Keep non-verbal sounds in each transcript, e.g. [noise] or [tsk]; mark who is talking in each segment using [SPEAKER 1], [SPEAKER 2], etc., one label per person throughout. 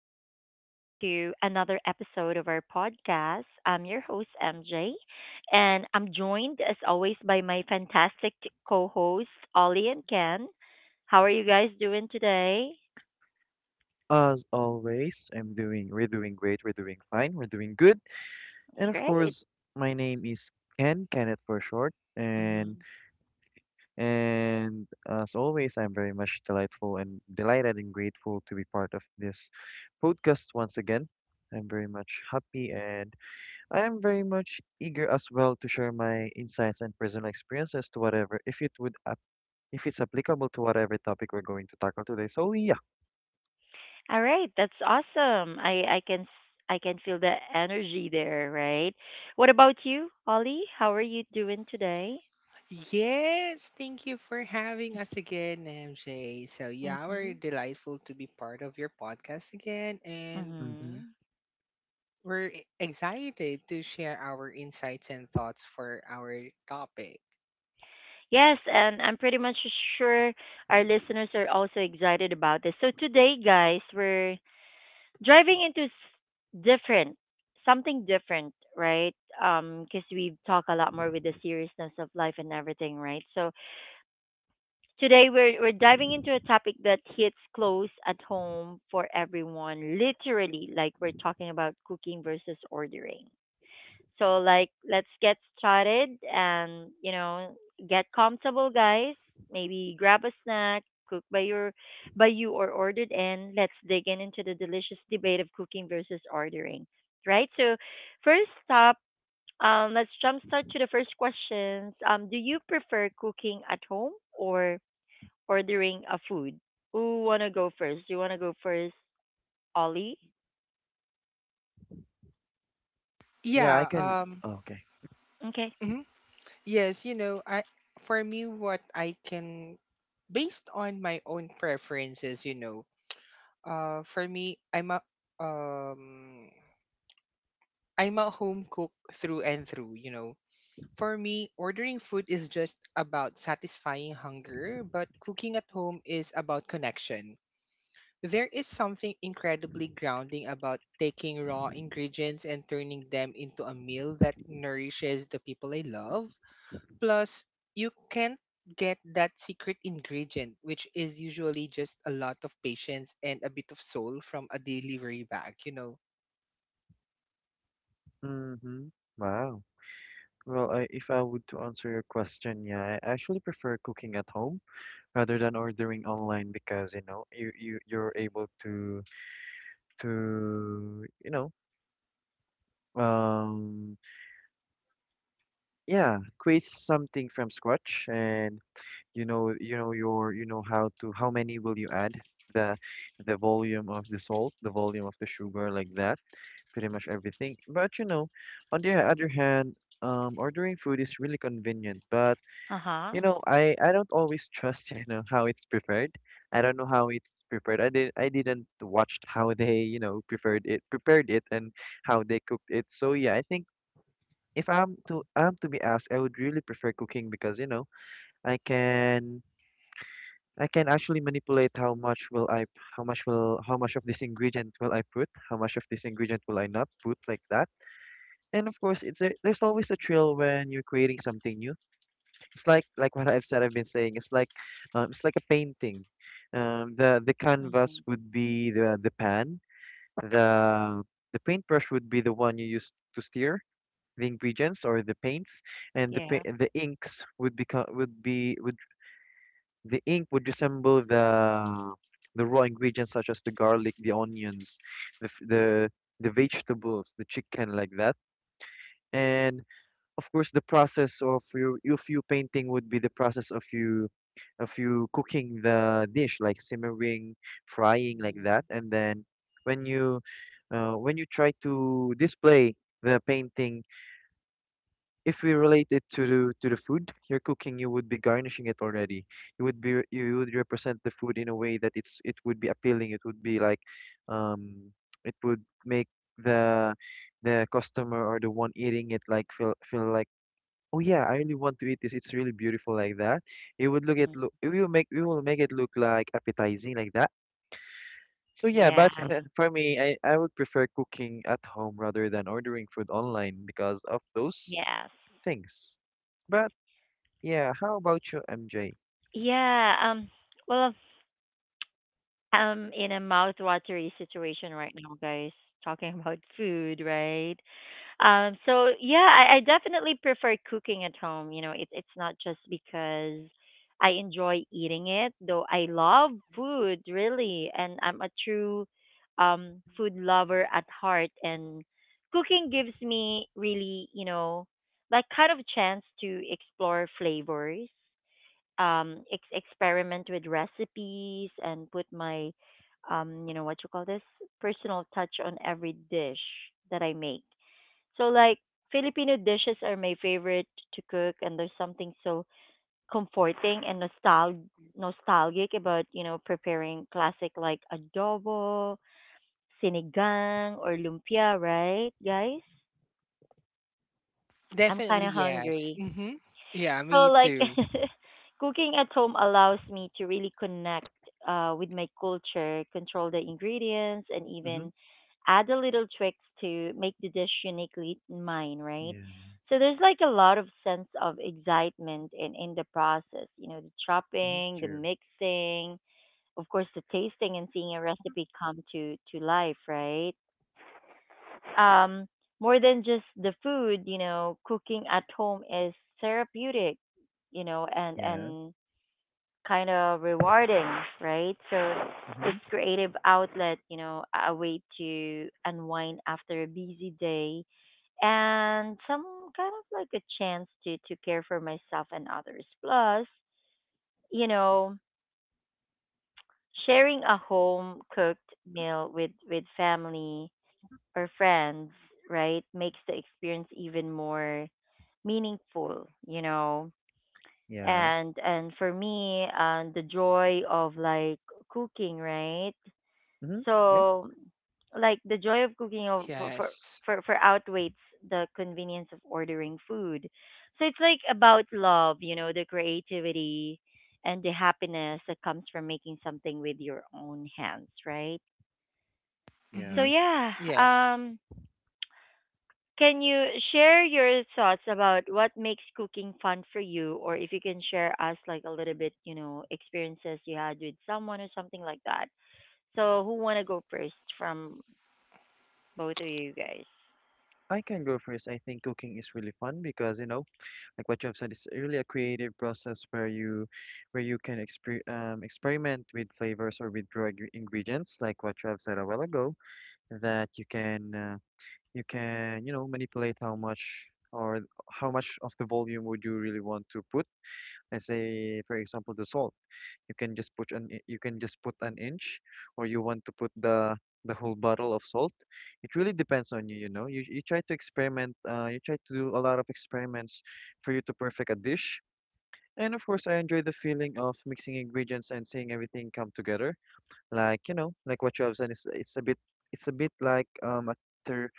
[SPEAKER 1] welcome back to another episode of our podcast. I'm your host, MJ, and I'm joined, as always, by my fantastic co hosts, Ollie and Ken. How are you guys doing today?
[SPEAKER 2] As always, I'm doing, we're doing great, we're doing fine, we're doing good.
[SPEAKER 1] It's
[SPEAKER 2] And of
[SPEAKER 1] great.
[SPEAKER 2] course, my name is Ken, Kenneth for short. And
[SPEAKER 1] Mhm.
[SPEAKER 2] and as always, I'm very much delightful and delighted and grateful to be part of this podcast once again. I'm very much happy and I am very much eager as well to share my insights and personal experiences to whatever, if it's applicable to whatever topic we're going to tackle today. So yeah.
[SPEAKER 1] All right, that's awesome. I can feel the energy there, right? What about you, Ollie? How are you doing today?
[SPEAKER 3] Yes, thank you for having us again, MJ. So, yeah, we're
[SPEAKER 1] Mhm.
[SPEAKER 3] delightful to be part of your podcast again, and
[SPEAKER 2] hmm
[SPEAKER 1] Mhm.
[SPEAKER 3] we're excited to share our insights and thoughts for our topic.
[SPEAKER 1] Yes, and I'm pretty much sure our listeners are also excited about this. So today, guys, we're driving into s- different, something different, right? Because we talk a lot more with the seriousness of life and everything, right? So today we're diving into a topic that hits close at home for everyone, literally. Like we're talking about cooking versus ordering. So like let's get started and get comfortable guys. Maybe grab a snack, cook by your by you or ordered in. Let's dig in into the delicious debate of cooking versus ordering. Right? So first up, let's jumpstart to the first questions. Do you prefer cooking at home or ordering a food? Who wanna go first? You wanna go first, Ollie?
[SPEAKER 2] yeah, I
[SPEAKER 3] Yeah,
[SPEAKER 2] can.
[SPEAKER 3] um,
[SPEAKER 2] Oh, okay.
[SPEAKER 1] Okay.
[SPEAKER 3] mhm. yes, you know, I for me, what I can based on my own preferences, for me, um, I'm a home cook through and through. For me, ordering food is just about satisfying hunger, but cooking at home is about connection. There is something incredibly grounding about taking raw ingredients and turning them into a meal that nourishes the people I love. Plus, you can't get that secret ingredient, which is usually just a lot of patience and a bit of soul from a delivery bag, you know?
[SPEAKER 2] Mm-hmm. Wow. Well, if I would to answer your question, yeah, I actually prefer cooking at home rather than ordering online, because you know you're able to to you know um yeah, create something from scratch. And you know, your, you know how to, how many will you add the volume of the salt, the volume of the sugar, like that, pretty much everything. But you know, on the other hand, ordering food is really convenient. But
[SPEAKER 1] Uh huh.
[SPEAKER 2] you know, I don't always trust [laughs] you know how it's prepared. I don't know how it's prepared. I didn't watch how they, you know, prepared it, and how they cooked it. So yeah, I think if I'm to be asked, I would really prefer cooking because you know i can I can actually manipulate how much of this ingredient will I put, how much of this ingredient will I not put, like that. And of course, there's always a thrill when you're creating something new. It's like what I've said. I've been saying. It's like It's like a painting. The
[SPEAKER 1] Hmm.
[SPEAKER 2] canvas would be the pan. The paintbrush would be the one you use to steer the ingredients, or the paints, and the
[SPEAKER 1] Yeah.
[SPEAKER 2] pa- the inks would become would be would the ink would resemble the raw ingredients such as the garlic, the onions, the f- the the vegetables, the chicken, like that. And of course, the process of you if you painting would be the process of you cooking the dish, like simmering, frying, like
[SPEAKER 1] Mm-hmm.
[SPEAKER 2] that. And then when you when you try to display the painting, if we relate it to the food you're cooking, you would be garnishing it already. You would represent the food in a way that it's it would be appealing. Um, it would make the customer or the one eating it like feel like, "Oh yeah, I really want to eat this. It's really beautiful," like that. It would look at look. We will make it look like appetizing, like that. So yeah,
[SPEAKER 1] Yeah.
[SPEAKER 2] but [laughs] for me, I would prefer cooking at home rather than ordering food online because of those
[SPEAKER 1] Yes.
[SPEAKER 2] things. But yeah, how about you, MJ?
[SPEAKER 1] Yeah. Well, I'm in a mouth-watery situation right now, guys. Talking [laughs] about food, right? So yeah, I definitely prefer cooking at home. You know, it's not just because I enjoy eating it, though I love food really, and I'm a true food lover at heart. And cooking gives me really, you know, like kind of chance to explore flavors experiment with recipes and put my you know what you call this personal touch on every dish that I make. So like Filipino dishes are my favorite to cook and there's something so comforting and nostalgic about, you know, preparing classic like adobo, sinigang or lumpia, right, guys? I'm kind
[SPEAKER 3] Definitely,
[SPEAKER 1] of
[SPEAKER 3] yes.
[SPEAKER 1] hungry.
[SPEAKER 3] Hmm. Yeah,
[SPEAKER 1] So
[SPEAKER 3] me
[SPEAKER 1] like
[SPEAKER 3] too.
[SPEAKER 1] [laughs] cooking at home allows me to really connect with my culture, control the ingredients, and
[SPEAKER 2] Mm-hmm.
[SPEAKER 1] even add a little tricks to make the dish uniquely mine, right?
[SPEAKER 2] Yeah.
[SPEAKER 1] So there's like a lot of sense of excitement in the process, you know, the
[SPEAKER 2] Mm-hmm.
[SPEAKER 1] chopping, the
[SPEAKER 2] Sure.
[SPEAKER 1] mixing, of course the tasting and seeing a recipe come to life, right? um, More than just the food, you know, cooking at home is therapeutic, you know, and
[SPEAKER 2] Yeah.
[SPEAKER 1] and kind of rewarding, right? So
[SPEAKER 2] Mm-hmm.
[SPEAKER 1] it's creative outlet, you know, a way to unwind after a busy day and some kind of like a chance to care for myself and others. Plus, you know, sharing a home cooked meal with family or friends, right, makes the experience even more meaningful, you know.
[SPEAKER 2] Yeah.
[SPEAKER 1] And for me, the joy of like cooking, right?
[SPEAKER 2] Mm-hmm. Yep.
[SPEAKER 1] So like the joy of cooking of,
[SPEAKER 3] Yes.
[SPEAKER 1] for outweighs the convenience of ordering food. So it's like about love, you know, the creativity and the happiness that comes from making something with your own hands, right? So
[SPEAKER 2] Yeah.
[SPEAKER 3] Mm-hmm.
[SPEAKER 1] yeah,
[SPEAKER 3] Yes.
[SPEAKER 1] um can you share your thoughts about what makes cooking fun for you, or if you can share us like a little bit, you know, experiences you had with someone or something like that? So, who wanna go first from both of you guys?
[SPEAKER 2] I can go first. I think cooking is really fun because, you know, like what you have said, it's really a creative process where you can experiment with flavors or with ingredients, like what you have said a while ago, that you can, you know, manipulate how much, or how much of the volume would you really want to put. Let's say, for example, the salt. You can just you can just put an inch, or you want to put the whole bottle of salt. It really depends on you. You know, you try to experiment, you try to do a lot of experiments for you to perfect a dish. And of course, I enjoy the feeling of mixing ingredients and seeing everything come together. Like, you know, like what you have said, it's a bit, it's a bit like a ther-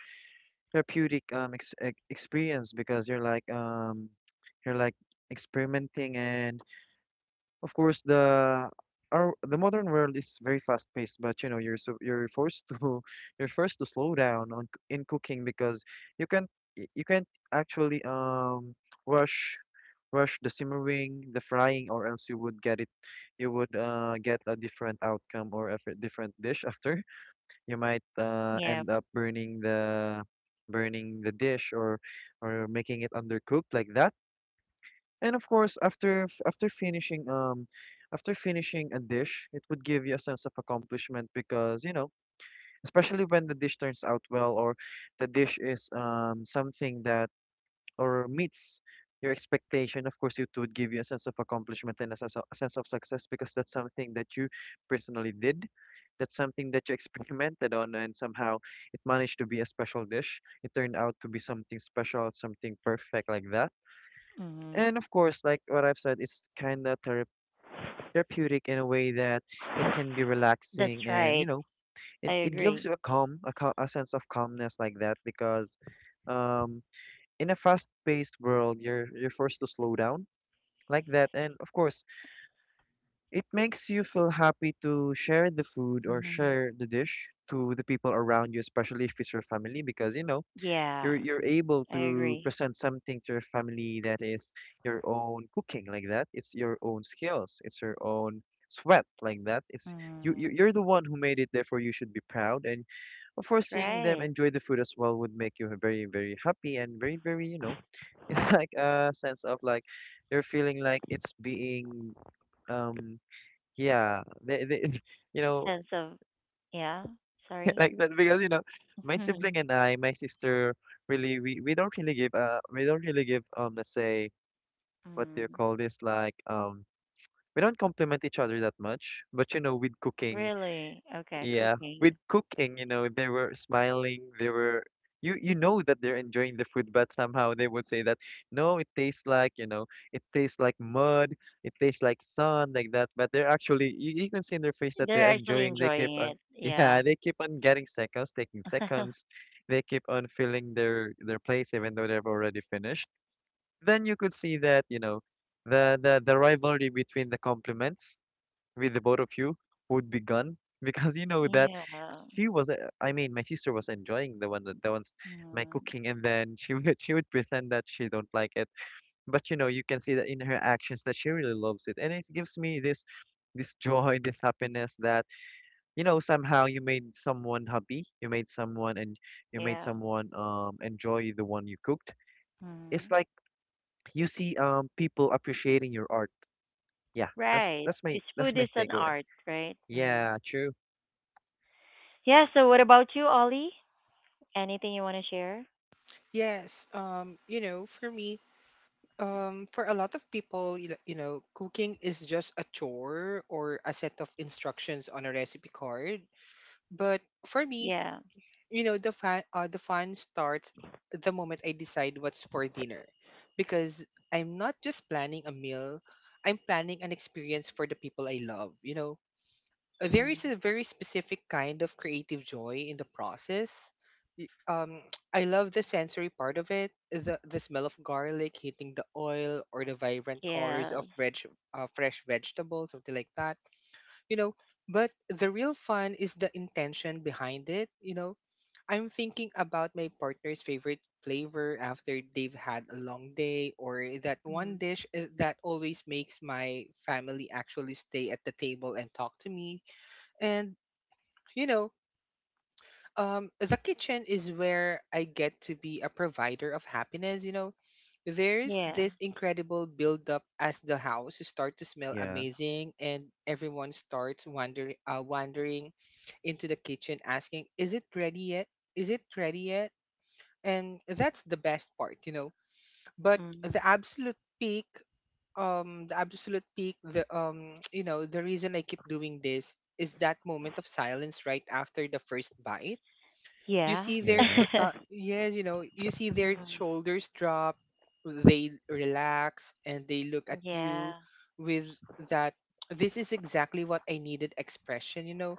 [SPEAKER 2] therapeutic experience, because you're like, you're like experimenting. And of course, the modern world is very fast paced, but you know, you're forced to [laughs] you're forced to slow down in cooking, because you can't, you can't actually, rush rush the simmering, the frying, or else you would get a different outcome, or different dish [laughs] after. You might
[SPEAKER 1] Yeah,
[SPEAKER 2] end up burning the dish, or making it undercooked, like that. And of course, after finishing a dish, it would give you a sense of accomplishment because, you know, especially when the dish turns out well, or the dish is, something that, or meets your expectation. Of course, it would give you a sense of accomplishment and a sense of success, because that's something that you personally did. That's something that you [laughs] experimented on, and somehow it managed to be a special dish. It turned out to be something special, something perfect, like that.
[SPEAKER 1] hmm
[SPEAKER 2] And of course, like what I've said, it's kind of therapeutic, in a way that it can be
[SPEAKER 1] that's
[SPEAKER 2] relaxing and, you
[SPEAKER 1] right.
[SPEAKER 2] know,
[SPEAKER 1] I
[SPEAKER 2] it gives
[SPEAKER 1] agree.
[SPEAKER 2] you a sense of calmness, like that, because, um, in a fast-paced world, you're forced to slow down, like that. And of course, it makes you feel happy to share the food or
[SPEAKER 1] Hmm.
[SPEAKER 2] share the dish to the people around you, especially if it's your family, because, you know,
[SPEAKER 1] Yeah,
[SPEAKER 2] you're able
[SPEAKER 1] I
[SPEAKER 2] to
[SPEAKER 1] agree.
[SPEAKER 2] present something to your family that is your own cooking, like that. It's your own skills. It's your own sweat, like that. It's you,
[SPEAKER 1] Hmm.
[SPEAKER 2] you're the one who made it, therefore you should be proud. And of course,
[SPEAKER 1] That's
[SPEAKER 2] seeing them
[SPEAKER 1] right.
[SPEAKER 2] enjoy the food as well would make you very, very happy, and very, very, you know. [laughs] It's like a sense of like you're feeling like it's being, um yeah, they [laughs] you know,
[SPEAKER 1] Sense of yeah.
[SPEAKER 2] [laughs]
[SPEAKER 1] Sorry.
[SPEAKER 2] like that, because you know,
[SPEAKER 1] [laughs]
[SPEAKER 2] my
[SPEAKER 1] Mm.
[SPEAKER 2] sibling and I, my sister, really, we don't really give, let's say, what do you call this, like, we don't compliment each other that much, but you know, with cooking,
[SPEAKER 1] Really? Okay,
[SPEAKER 2] yeah, with
[SPEAKER 1] cooking.
[SPEAKER 2] cooking, you know, they were smiling. They were, you know that they're enjoying the food, but somehow they would say that, "No, it tastes like, you know, it tastes like mud, it tastes like sun," like that. But they're actually, you can see in their face that they're
[SPEAKER 1] They're actually
[SPEAKER 2] enjoying. They keep
[SPEAKER 1] enjoying
[SPEAKER 2] on,
[SPEAKER 1] it.
[SPEAKER 2] [laughs] yeah,
[SPEAKER 1] Yeah.
[SPEAKER 2] they keep on getting seconds, taking seconds.
[SPEAKER 1] [laughs]
[SPEAKER 2] They keep on filling their plates even though they've already finished. Then you could see that, you know, the rivalry between the compliments with the both of you would be gone, [laughs] because you know that
[SPEAKER 1] Yeah.
[SPEAKER 2] she was I mean my sister was enjoying the one that ones my
[SPEAKER 1] Mm.
[SPEAKER 2] cooking. And then she [laughs] would she would pretend that she don't like it, but you know, you can see that in her actions that she really loves it. And it gives me this [laughs] joy, this happiness, that, you know, somehow you made someone happy, you made someone, and you made
[SPEAKER 1] Yeah.
[SPEAKER 2] someone, enjoy the one you cooked. It's
[SPEAKER 1] Mm.
[SPEAKER 2] like you see, people appreciating your art. Yeah, that's
[SPEAKER 1] Right. Because food
[SPEAKER 2] my
[SPEAKER 1] is
[SPEAKER 2] [laughs]
[SPEAKER 1] an
[SPEAKER 2] takeaway.
[SPEAKER 1] art, right? Mm.
[SPEAKER 2] Yeah, true.
[SPEAKER 1] Yeah. So, what about you, Ollie? Anything you want to share?
[SPEAKER 3] Yes. For me, for a lot of people, you know, cooking is just a chore or a set of instructions on a recipe card. But for me,
[SPEAKER 1] Yeah.
[SPEAKER 3] the fun starts the moment I decide what's for dinner, because I'm not just planning a meal, I'm planning an experience for the people I love. You know, there
[SPEAKER 1] Mm.
[SPEAKER 3] is a very specific kind of creative joy in the process. Y- Um, [tsk] I love the sensory part of it, the smell of garlic hitting the oil or the vibrant colors
[SPEAKER 1] Yes.
[SPEAKER 3] of fresh vegetables, something like that. You know, but the real fun is the intention behind it. I'm thinking about my partner's favorite flavor after they've had a long day, or that one
[SPEAKER 1] Mm.
[SPEAKER 3] dish that always makes my family actually stay at the table and talk to me, and you know, the kitchen is where I get to be a provider of happiness. You know, there's
[SPEAKER 1] Yeah.
[SPEAKER 3] this incredible build up as the house start to smell
[SPEAKER 2] Yeah.
[SPEAKER 3] amazing, and everyone starts wandering into the kitchen, asking, "Is it ready yet? Is it ready yet?" And that's the best part. But
[SPEAKER 1] Mm.
[SPEAKER 3] the absolute peak, the [tsk] the reason I keep doing this is that moment of silence right after the first bite. You
[SPEAKER 1] Yeah.
[SPEAKER 3] see their
[SPEAKER 2] Yeah,
[SPEAKER 1] [laughs]
[SPEAKER 3] you see their
[SPEAKER 1] Mm.
[SPEAKER 3] shoulders drop, they relax, and they look at you
[SPEAKER 1] Yeah.
[SPEAKER 3] with that "this is exactly what I needed" expression,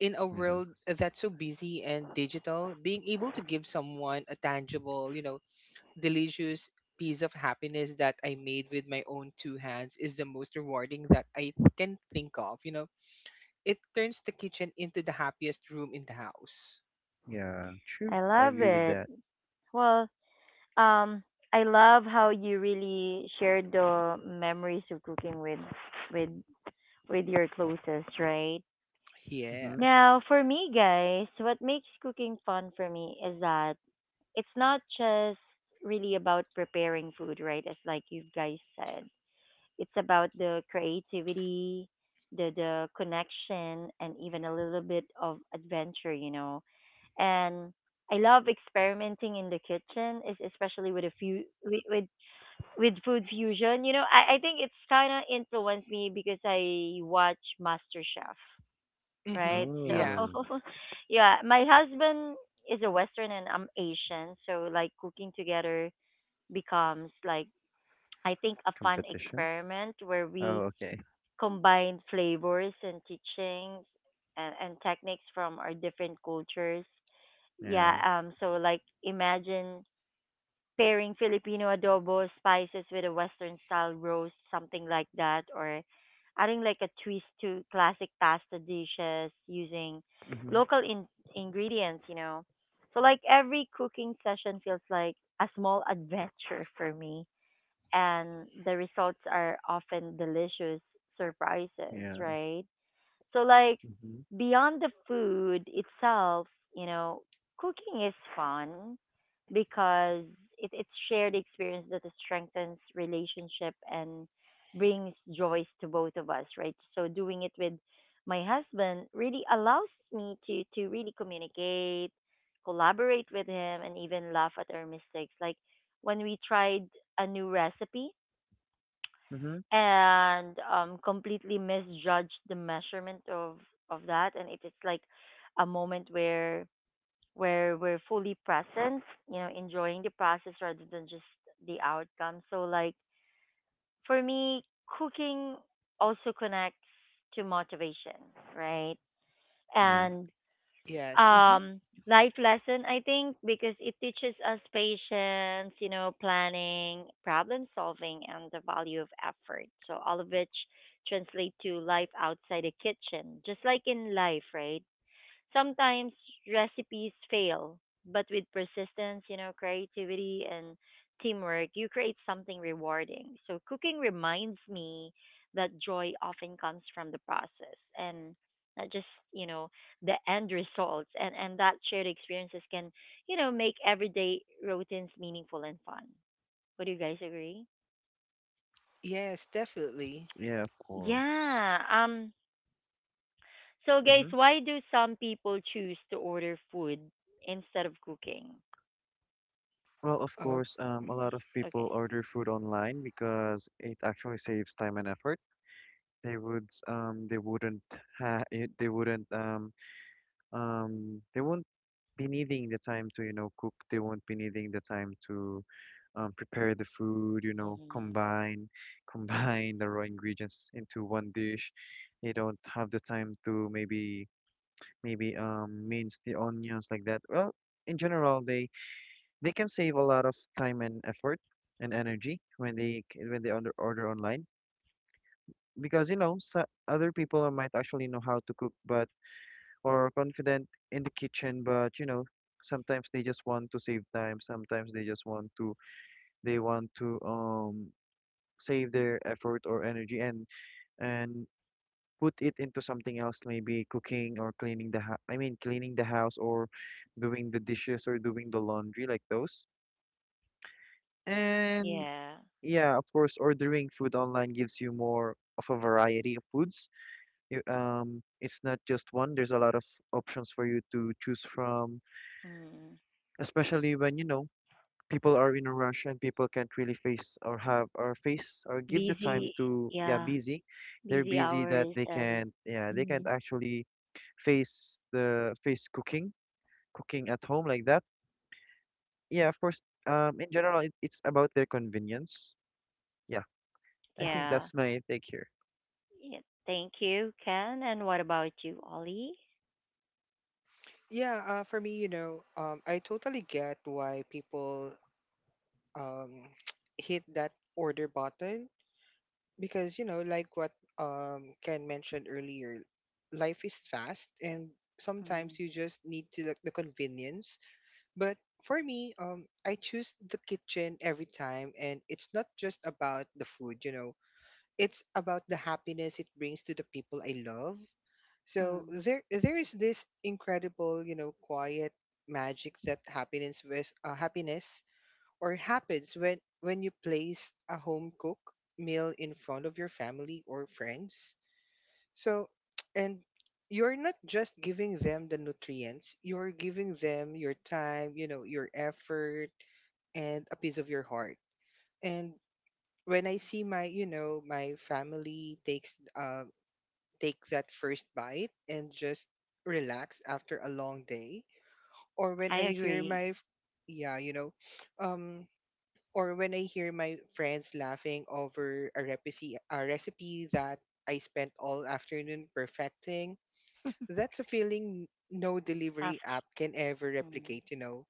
[SPEAKER 3] in a
[SPEAKER 2] yeah,
[SPEAKER 3] world
[SPEAKER 2] s-
[SPEAKER 3] that's so busy and digital, being able to give someone a tangible, delicious piece of happiness that I made with my own two hands is the most rewarding that I can think of. It turns the kitchen into the happiest room in the house.
[SPEAKER 2] yeah. True.
[SPEAKER 1] I
[SPEAKER 2] I
[SPEAKER 1] love
[SPEAKER 2] agree with
[SPEAKER 1] it.
[SPEAKER 2] that.
[SPEAKER 1] Well, um, I love how you really shared the memories of cooking with with your closest, right?
[SPEAKER 2] Mm-hmm.
[SPEAKER 3] Yes.
[SPEAKER 1] Now, for me, guys, what makes cooking fun for me is that it's not just really about preparing food, right? As like you guys said, it's about the creativity, the connection, and even a little bit of adventure, you know. And I love experimenting in the kitchen, especially with a few with food fusion. You know, I think it's kind of influenced me because I watch MasterChef
[SPEAKER 3] Mm-hmm.
[SPEAKER 1] right? So
[SPEAKER 3] Yeah.
[SPEAKER 2] Oh,
[SPEAKER 1] [laughs] yeah, my husband is a Western and I'm Asian, so like cooking together becomes like I think a fun
[SPEAKER 2] competition.
[SPEAKER 1] experiment where we
[SPEAKER 2] Oh, okay.
[SPEAKER 1] combine flavors and teachings and techniques from our different cultures. Yeah,
[SPEAKER 2] Yeah.
[SPEAKER 1] so like imagine pairing Filipino adobo spices with a Western style roast, something like that, or adding like a twist to classic pasta dishes using
[SPEAKER 2] Mm-hmm.
[SPEAKER 1] local ingredients, you know. So like every cooking session feels like a small adventure for me, and the results are often delicious surprises,
[SPEAKER 2] Yeah.
[SPEAKER 1] right? So like
[SPEAKER 2] Mm-hmm.
[SPEAKER 1] beyond the food itself, you know, cooking is fun because it's shared experience that strengthens relationship and brings joys to both of us, right? So doing it with my husband really allows me to really communicate, collaborate with him, and even laugh at our mistakes. Like when we tried a new recipe
[SPEAKER 2] Mm-hmm.
[SPEAKER 1] and completely misjudged the measurement of that and it's like a moment where we're fully present, you know, enjoying the process rather than just the outcome. So like for me cooking also connects to motivation, right?
[SPEAKER 2] Yeah.
[SPEAKER 1] And
[SPEAKER 3] Yes. Mm-hmm.
[SPEAKER 1] um life lesson I think, because it teaches us patience, you know, planning, problem solving, and the value of effort, so all of which translate to life outside the kitchen just like in life, right? Sometimes recipes fail, but with persistence, you know, creativity and teamwork, you create something rewarding. So cooking reminds me that joy often comes from the process and not just, you know, the end results, and that shared experiences can, you know, make everyday routines meaningful and fun. Would you guys agree?
[SPEAKER 3] Yes, definitely.
[SPEAKER 2] Yeah, of course.
[SPEAKER 1] Yeah. So, guys,
[SPEAKER 2] Mm-hmm.
[SPEAKER 1] why do some people choose to order food instead of cooking?
[SPEAKER 2] Well, of
[SPEAKER 3] Uh,
[SPEAKER 2] course, a lot
[SPEAKER 3] mhm.
[SPEAKER 2] of people
[SPEAKER 1] Okay.
[SPEAKER 2] order food online because it actually saves time and effort. They would, um, they wouldn't they wouldn't, they won't be needing the time to, you know, cook. They won't be needing the time to, prepare the food, you know,
[SPEAKER 1] Mhm.
[SPEAKER 2] combine [laughs] combine the raw ingredients into one dish. They don't have the time to, maybe mince the onions, like that. Well, in general, they can save a lot of time and effort and energy when when they order online, because you know. So other people might actually know how to cook, but or confident in the kitchen, but you know, sometimes they just want to save time, sometimes they just want to, they want to um save their effort or energy, and and put it into something else. Maybe cooking or cleaning the house. I mean, cleaning the house or doing the dishes or doing the laundry, like those. And
[SPEAKER 1] Yeah.
[SPEAKER 2] yeah, of course, ordering food online gives you more of a variety of foods. It's not just one. There's a lot of options for you to choose from
[SPEAKER 1] Mm.
[SPEAKER 2] especially when you know people are in a rush and people can't really face or have or face or give the time
[SPEAKER 1] Busy.
[SPEAKER 2] to yeah
[SPEAKER 1] Yeah.
[SPEAKER 2] busy they're
[SPEAKER 1] Busy
[SPEAKER 2] busy that
[SPEAKER 1] hours
[SPEAKER 2] they
[SPEAKER 1] and
[SPEAKER 2] can't yeah they can't
[SPEAKER 1] mhm.
[SPEAKER 2] actually face the face cooking cooking at home like that yeah of course in general it's about their convenience yeah I think
[SPEAKER 1] Yeah.
[SPEAKER 2] that's my take here
[SPEAKER 1] Yeah. Thank you, Ken. And what about you, Ollie?
[SPEAKER 3] Yeah. For me, I totally get why people um [tsk] hit that order button because like what Ken mentioned earlier, life is fast, and sometimes
[SPEAKER 1] Mm.
[SPEAKER 3] you just need to the convenience. But for me, I choose the kitchen every time, and it's not just about the food. You know, it's about the happiness it brings to the people I love. So
[SPEAKER 1] Mm.
[SPEAKER 3] there is this incredible, you know, quiet magic that happiness or happens when you place a home cook meal in front of your family or friends. So [tsk] and you're not just giving them the nutrients, you're giving them your time, you know, your effort, and a piece of your heart. And when I see my, you know, my family take that first bite and just relax after a long day, or when
[SPEAKER 1] I
[SPEAKER 3] I hear
[SPEAKER 1] agree.
[SPEAKER 3] my yeah you know, [sniffs] um or when I hear my friends laughing over a recipe that I spent all afternoon perfecting,
[SPEAKER 1] [laughs]
[SPEAKER 3] that's a feeling no delivery
[SPEAKER 1] After.
[SPEAKER 3] app can ever
[SPEAKER 1] Mm.
[SPEAKER 3] replicate, you know.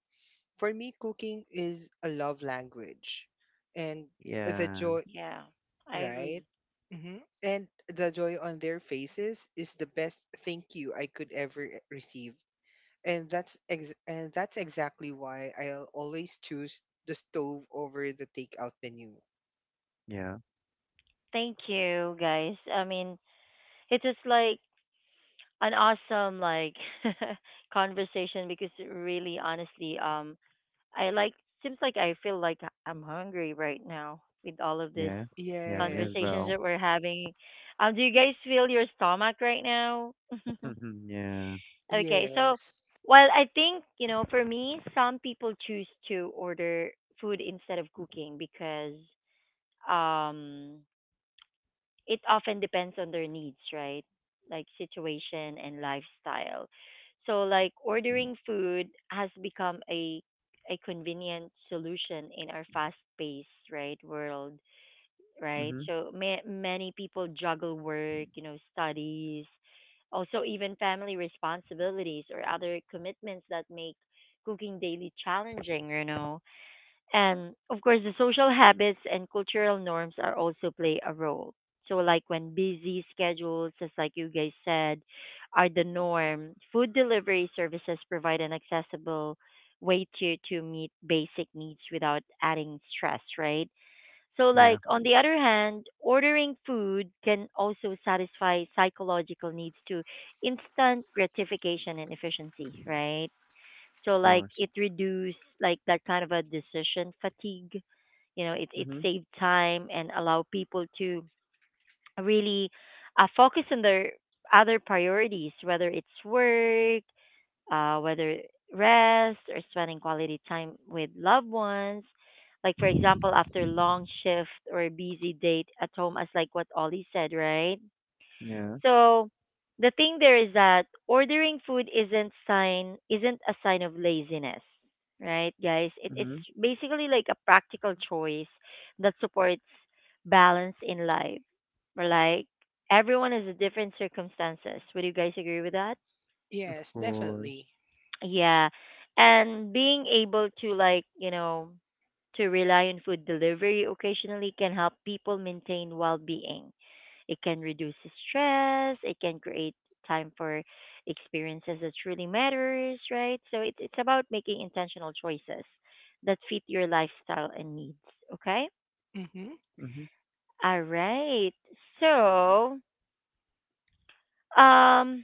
[SPEAKER 3] For me, cooking is a love language, and the
[SPEAKER 2] yeah
[SPEAKER 3] joy,
[SPEAKER 1] Yeah. I
[SPEAKER 3] right?
[SPEAKER 1] agree.
[SPEAKER 3] Hmm. And the joy on their faces is the best thank you I could ever receive. And that's exactly why I'll always choose the stove over the takeout menu.
[SPEAKER 2] yeah
[SPEAKER 1] Thank you, guys. I mean, it's just like an awesome like [laughs] conversation because really honestly I like seems like I feel like I'm hungry right now with all of these
[SPEAKER 2] yeah yeah me as
[SPEAKER 1] conversations
[SPEAKER 2] well
[SPEAKER 3] Yes.
[SPEAKER 1] that we're having. Um, do you guys feel your stomach right now? [laughs]
[SPEAKER 2] [laughs] yeah
[SPEAKER 1] Okay, so
[SPEAKER 3] Yes.
[SPEAKER 1] well I think, you know, for me some people choose to order food instead of cooking because um it often depends on their needs, right? Like situation and lifestyle. So like ordering food has become a convenient solution in our fast-paced, right, world, right?
[SPEAKER 2] mm-hmm.
[SPEAKER 1] So many people juggle work, you know, studies, also even family responsibilities or other commitments that make cooking daily challenging, you know, and of course, the social habits and cultural norms are also play a role. So, like when busy schedules, just like you guys said, are the norm, food delivery services provide an accessible way to meet basic needs without adding stress, right? So,
[SPEAKER 2] Yeah
[SPEAKER 1] like on the other hand, ordering food can also satisfy psychological needs to instant gratification and efficiency, right? So
[SPEAKER 2] of
[SPEAKER 1] like
[SPEAKER 2] course
[SPEAKER 1] it reduced like that kind of a decision fatigue. You know, it
[SPEAKER 2] mm-hmm.
[SPEAKER 1] saved time and allow people to really focus on their other priorities, whether it's work, whether rest or spending quality time with loved ones. Like for example, after long shift or a busy date at home, as like what Ollie said, right?
[SPEAKER 2] Yeah
[SPEAKER 1] So the thing there is that ordering food isn't a sign of laziness, right, guys? It's
[SPEAKER 2] mm-hmm.
[SPEAKER 1] basically like a practical choice that supports balance in life. Or like everyone has a different circumstances. Would you guys agree with that?
[SPEAKER 2] Of
[SPEAKER 3] Yes,
[SPEAKER 2] course
[SPEAKER 3] definitely.
[SPEAKER 1] Yeah. And being able to like, you know, to rely on food delivery occasionally can help people maintain well-being. It can reduce stress, it can create time for experiences that truly matters, right? So it's about making intentional choices that fit your lifestyle and needs, okay?
[SPEAKER 3] Mm-hmm.
[SPEAKER 2] mm-hmm.
[SPEAKER 1] All right. So, um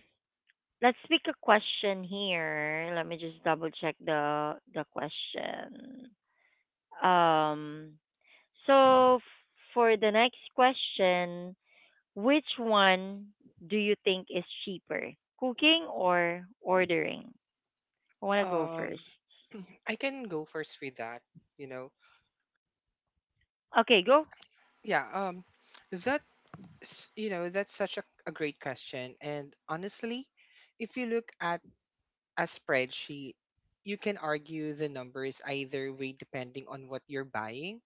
[SPEAKER 1] let's pick a question here. Let me just double check the question. Um, so for the next question, which one do you think is cheaper, cooking or ordering? I want to go first.
[SPEAKER 3] Um, [clears throat] I can go first with that, you know.
[SPEAKER 1] Okay, go.
[SPEAKER 3] Yeah, that's. That's such a great question, and honestly, if you look at a spreadsheet, you can argue the numbers either way depending on what you're buying.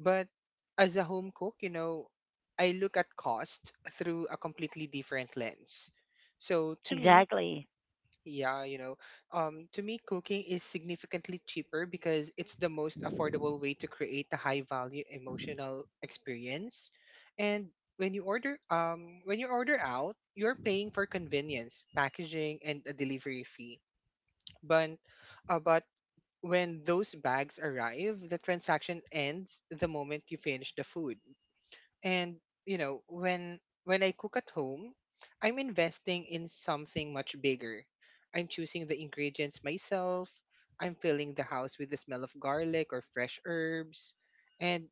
[SPEAKER 3] But as a home cook, I look at cost through a completely different lens. So to me,
[SPEAKER 1] Exactly.
[SPEAKER 3] yeah, you know, cooking is significantly cheaper because it's the most affordable way to create a high value emotional experience. And when you order out, you're paying for convenience, packaging, and a delivery fee, but, but when those bags arrive, the transaction ends the moment you finish the food. And you know, when when I cook at home, I'm investing in something much bigger. I'm choosing the ingredients myself. I'm filling the house with the smell of garlic or fresh herbs. And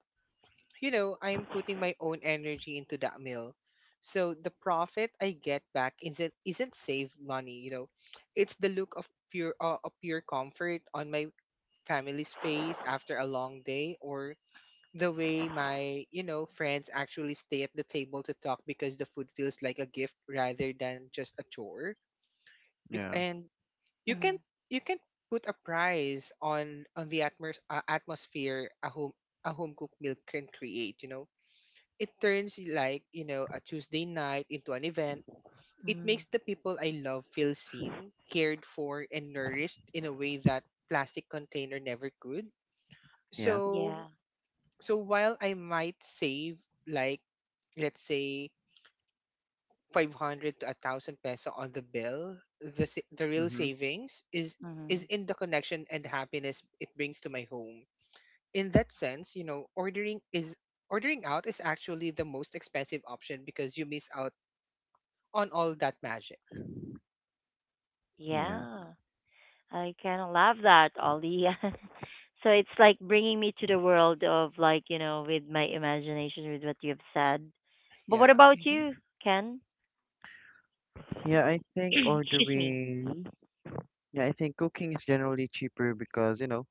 [SPEAKER 3] you know, I'm putting my own energy into that meal. So the profit I get back isn't saved money. It's the look of pure comfort on my family's face after a long day, or the way my, you know, friends actually stay at the table to talk because the food feels like a gift rather than just a chore.
[SPEAKER 2] Yeah
[SPEAKER 3] And you
[SPEAKER 1] Mm-hmm.
[SPEAKER 3] can you can put a price on the atmosphere a home cooked meal can create. It turns, like, you know, a Tuesday night into an event. It
[SPEAKER 1] Mm.
[SPEAKER 3] makes the people I love feel seen, cared for, and nourished in a way that plastic container never could.
[SPEAKER 2] yeah
[SPEAKER 1] Yeah.
[SPEAKER 3] So so while I might save, like, let's say 500 to 1000 peso on the bill, the real
[SPEAKER 2] mm-hmm.
[SPEAKER 3] savings is
[SPEAKER 1] Hmm.
[SPEAKER 3] in the connection and happiness it brings to my home. In that sense, ordering out is actually the most expensive option because you miss out on all that magic.
[SPEAKER 2] Yeah.
[SPEAKER 1] Yeah. I kind of love that, Ollie. [laughs] So it's like bringing me to the world of like, you know, with my imagination, with what you have said. But what
[SPEAKER 3] Yeah.
[SPEAKER 1] about
[SPEAKER 3] Hmm.
[SPEAKER 1] you, Ken?
[SPEAKER 2] Yeah, I
[SPEAKER 1] [coughs] [clears throat]
[SPEAKER 2] think
[SPEAKER 1] Excuse me.
[SPEAKER 2] ordering. Yeah, I think cooking is generally cheaper because, you know,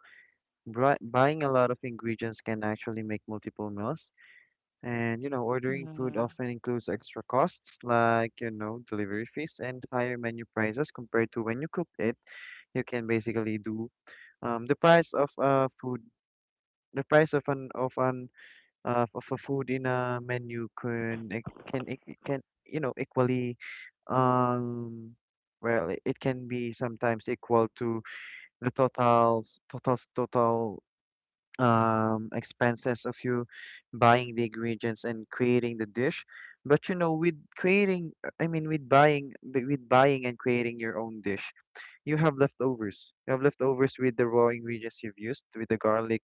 [SPEAKER 2] buying a lot of ingredients can actually make multiple meals. And, you know, ordering food
[SPEAKER 1] Hmm.
[SPEAKER 2] often includes extra costs like, you know, delivery fees and higher menu prices compared to when you cook it. You can basically do the price of food, the price of an of a food in a menu can it can you know equally um well it can be sometimes equal to the total expenses of you buying the ingredients and creating the dish. But you know with creating I mean with buying with buying and creating your own dish, you have leftovers. You have leftovers with the raw ingredients you've used, with the garlic,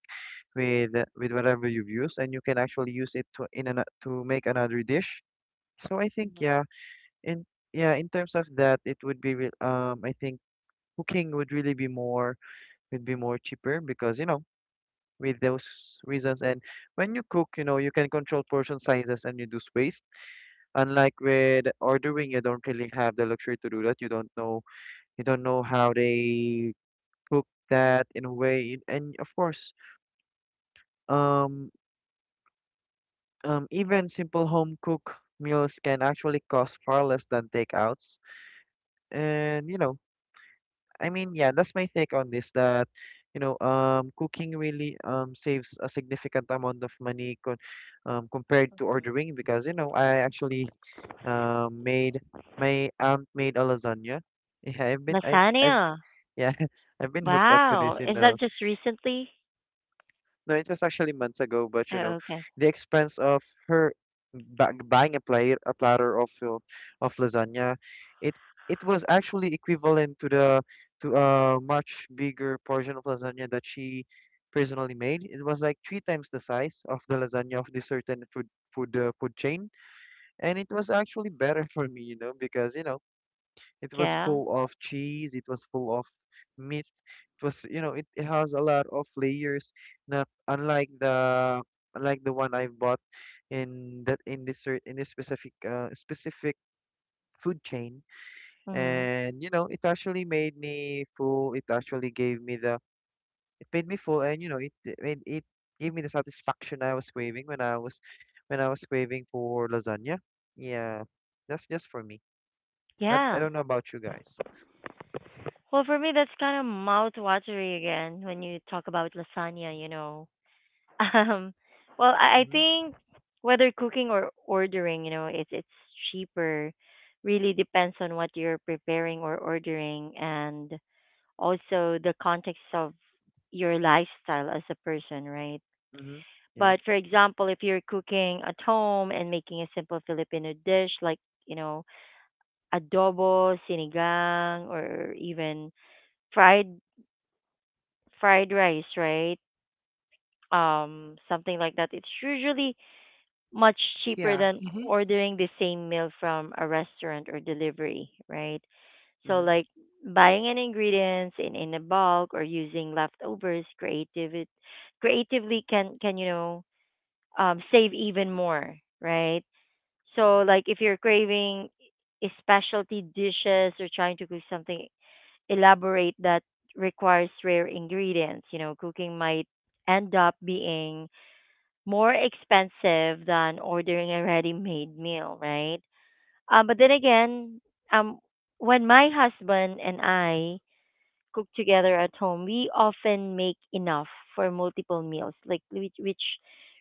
[SPEAKER 2] with whatever you've used, and you can actually use it to in an, to make another dish. So I think
[SPEAKER 1] Mm.
[SPEAKER 2] yeah, in yeah, in terms of that, it would be I think cooking would really be more would be more cheaper because you know with those reasons. And when you cook you know you can control portion sizes and reduce waste, unlike with ordering. You don't really have the luxury to do that. You don't know, you don't know how they cook that in a way. And of course um even simple home cook meals can actually cost far less than takeouts. And you know, I mean, yeah, that's my take on this. That you know, cooking really saves a significant amount of money con compared to ordering because you know I actually made my aunt made a lasagna. Yeah, I've been I
[SPEAKER 1] Lasagna.
[SPEAKER 2] I've yeah [laughs] I've been hooked up to this.
[SPEAKER 1] Wow.
[SPEAKER 2] You
[SPEAKER 1] Is
[SPEAKER 2] know,
[SPEAKER 1] that just recently?
[SPEAKER 2] no, it was actually months ago, but you know,
[SPEAKER 1] Oh, okay.
[SPEAKER 2] the expense of her ba buying a platter, a platter of lasagna, it it was actually equivalent to the to a much bigger portion of lasagna that she personally made. It was like three times the size of the lasagna of this certain food food chain, and it was actually better [laughs] for me, you know, because you know it was
[SPEAKER 1] Yeah.
[SPEAKER 2] full of cheese, it was full of meat, it was you know it, it has a lot of layers, not unlike the unlike the one I've bought in that in this in this specific specific food chain.
[SPEAKER 1] Hmm.
[SPEAKER 2] And you know it actually made me full, it actually gave me the it made me full and you know it it made- it gave me the satisfaction I was craving when I was craving for lasagna. Yeah, that's just for me, but I
[SPEAKER 1] Yeah.
[SPEAKER 2] don't know about you guys.
[SPEAKER 1] Well, for me, that's kind of mouth-watery again when you talk about lasagna, you know. [laughs] Um, well, I
[SPEAKER 2] Mhm
[SPEAKER 1] think whether cooking or ordering, you know, it's cheaper. Really depends on what you're preparing or ordering, and also the context of your lifestyle as a person, right?
[SPEAKER 2] mhm yeah
[SPEAKER 1] But for example, if you're cooking at home and making a simple Filipino dish like, you know, adobo, sinigang, or even fried fried rice, right? Something like that. It's usually much cheaper
[SPEAKER 3] Yeah.
[SPEAKER 1] than
[SPEAKER 3] Hmm.
[SPEAKER 1] ordering the same meal from a restaurant or delivery, right? So
[SPEAKER 2] mhm
[SPEAKER 1] like buying an ingredients in a bulk or using leftovers creativity creatively can save even more, right? So like if you're craving specialty dishes or trying to cook something elaborate that requires rare ingredients, you know, cooking might end up being more expensive than ordering a ready-made meal, right? But then again, um, when my husband and I cook together at home, we often make enough for multiple meals, like which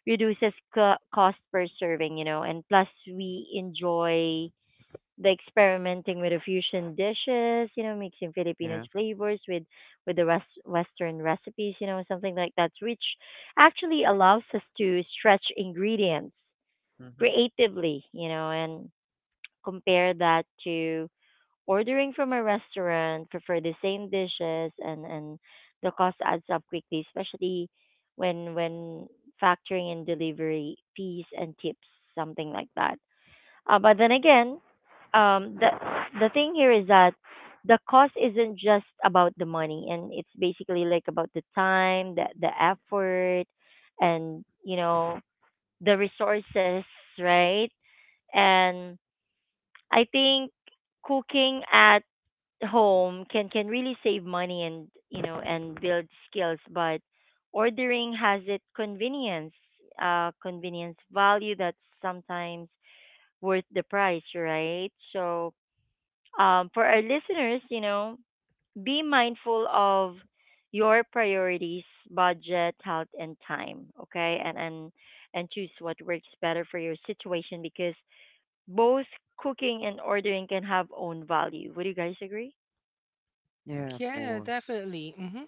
[SPEAKER 1] reduces cost per serving, you know, and plus we enjoy the experimenting with the fusion dishes, you know, mixing Filipinos
[SPEAKER 2] yeah
[SPEAKER 1] flavors with the rest, Western recipes, you know, something like that, which actually allows us to stretch ingredients
[SPEAKER 2] mhm
[SPEAKER 1] creatively, you know, and compare that to ordering from a restaurant for the same dishes and the cost adds up quickly, especially when factoring in delivery fees and tips, something like that. But then again, the thing here is that the cost isn't just about the money, and it's basically like about the time, the effort, and the resources, right? And I think cooking at home can really save money and and build skills, but ordering has its convenience, convenience value that sometimes worth the price, right? So, for our listeners, you know, be mindful of your priorities, budget, health, and time. Okay, and choose what works better for your situation because both cooking and ordering can have own value. Would you guys agree?
[SPEAKER 2] yeah of
[SPEAKER 3] Yeah,
[SPEAKER 2] course
[SPEAKER 3] definitely. Hmm.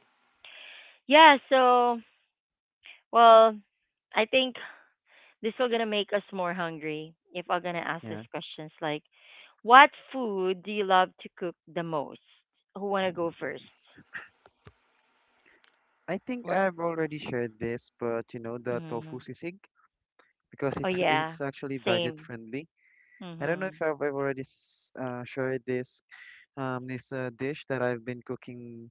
[SPEAKER 1] Yeah. So, well, I think this will gonna make us more hungry if I'm gonna ask
[SPEAKER 2] yeah.
[SPEAKER 1] these questions like, what food do you love to cook the most? Who wanna go first?
[SPEAKER 2] I think
[SPEAKER 3] What?
[SPEAKER 2] I've already shared this, but you know, the tofu
[SPEAKER 1] Mm.
[SPEAKER 2] sisig because
[SPEAKER 1] Oh
[SPEAKER 2] it's [laughs]
[SPEAKER 1] yeah,
[SPEAKER 2] it's actually budget
[SPEAKER 1] same.
[SPEAKER 2] friendly. I don't know
[SPEAKER 1] Mm-hmm.
[SPEAKER 2] if I've already shared this this dish that I've been cooking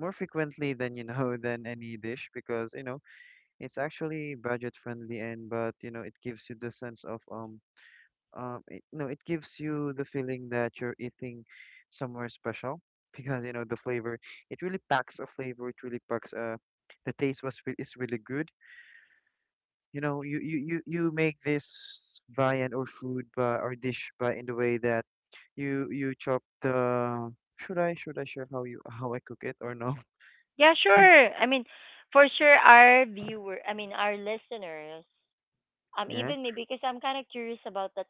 [SPEAKER 2] more frequently than you know [laughs] than any dish, because you know it's actually budget friendly. And but you know it gives you the sense of it, no it gives you the feeling that you're eating somewhere special [laughs] because you know the flavor, it really packs a flavor, it really packs a the taste was is really good. You know you make this viand or food, but or dish but in the way that you chop the should I share how you how I cook it or no?
[SPEAKER 1] Yeah,
[SPEAKER 2] [laughs]
[SPEAKER 1] sure. I mean, for sure, our viewer, I mean, our listeners,
[SPEAKER 2] Yeah.
[SPEAKER 1] even me because I'm kind of curious about that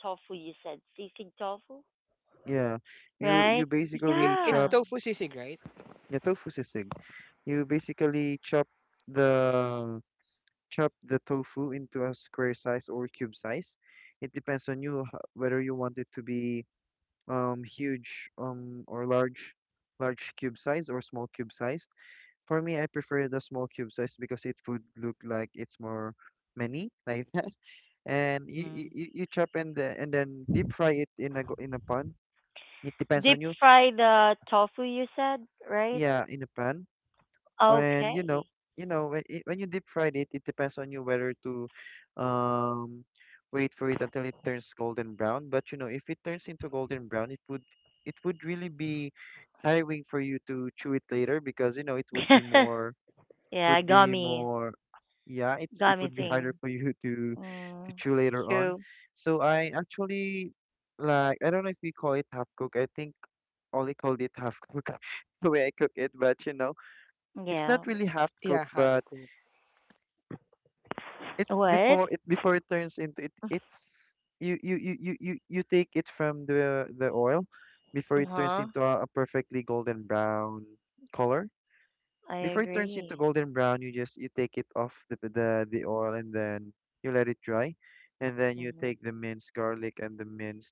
[SPEAKER 1] tofu you said, sisig tofu,
[SPEAKER 2] Yeah. You
[SPEAKER 1] right?
[SPEAKER 3] It,
[SPEAKER 2] basically
[SPEAKER 3] it's
[SPEAKER 2] chop
[SPEAKER 1] Yeah.
[SPEAKER 3] tofu sisig, right?
[SPEAKER 2] the tofu sisig. You basically the chop the tofu into a square size or cube size. It depends on you whether you want it to be huge or large, large cube size or small cube size. For me, I prefer the small cube size because it would look like it's more many like that. [laughs] And
[SPEAKER 1] Mm.
[SPEAKER 2] you you chop and the, and then deep fry it in a in a pan. It depends
[SPEAKER 1] Deep
[SPEAKER 2] on you.
[SPEAKER 1] fry the tofu you said, right?
[SPEAKER 2] Yeah, in a pan. And
[SPEAKER 1] Okay.
[SPEAKER 2] you know when you deep fried it, it depends on you whether to um wait for it until it turns golden brown. But you know, if it turns into golden brown, it would really be tiring for you to chew it later because you know it would be
[SPEAKER 1] [laughs] Yeah, gummy,
[SPEAKER 2] more, yeah it's it
[SPEAKER 1] gummy
[SPEAKER 2] would be harder
[SPEAKER 1] thing.
[SPEAKER 2] for you to
[SPEAKER 1] Mm,
[SPEAKER 2] chew later on.
[SPEAKER 1] true.
[SPEAKER 2] So I actually, like I don't know if we call it half cook, I think Ollie called it half cook [laughs] the way I cook it, but you know it's not
[SPEAKER 1] Yeah.
[SPEAKER 2] really half
[SPEAKER 3] Yeah,
[SPEAKER 2] cooked,
[SPEAKER 3] half
[SPEAKER 2] but
[SPEAKER 3] cooked.
[SPEAKER 2] it's
[SPEAKER 1] What?
[SPEAKER 2] before it turns into it it's you take it from the oil before
[SPEAKER 1] Uh
[SPEAKER 2] it turns
[SPEAKER 1] huh.
[SPEAKER 2] into a perfectly golden brown color.
[SPEAKER 1] I
[SPEAKER 2] Before it turns into
[SPEAKER 1] agree.
[SPEAKER 2] golden brown, you just you take it off the oil and then you let it dry, and then you
[SPEAKER 1] Hmm.
[SPEAKER 2] take the minced garlic and the minced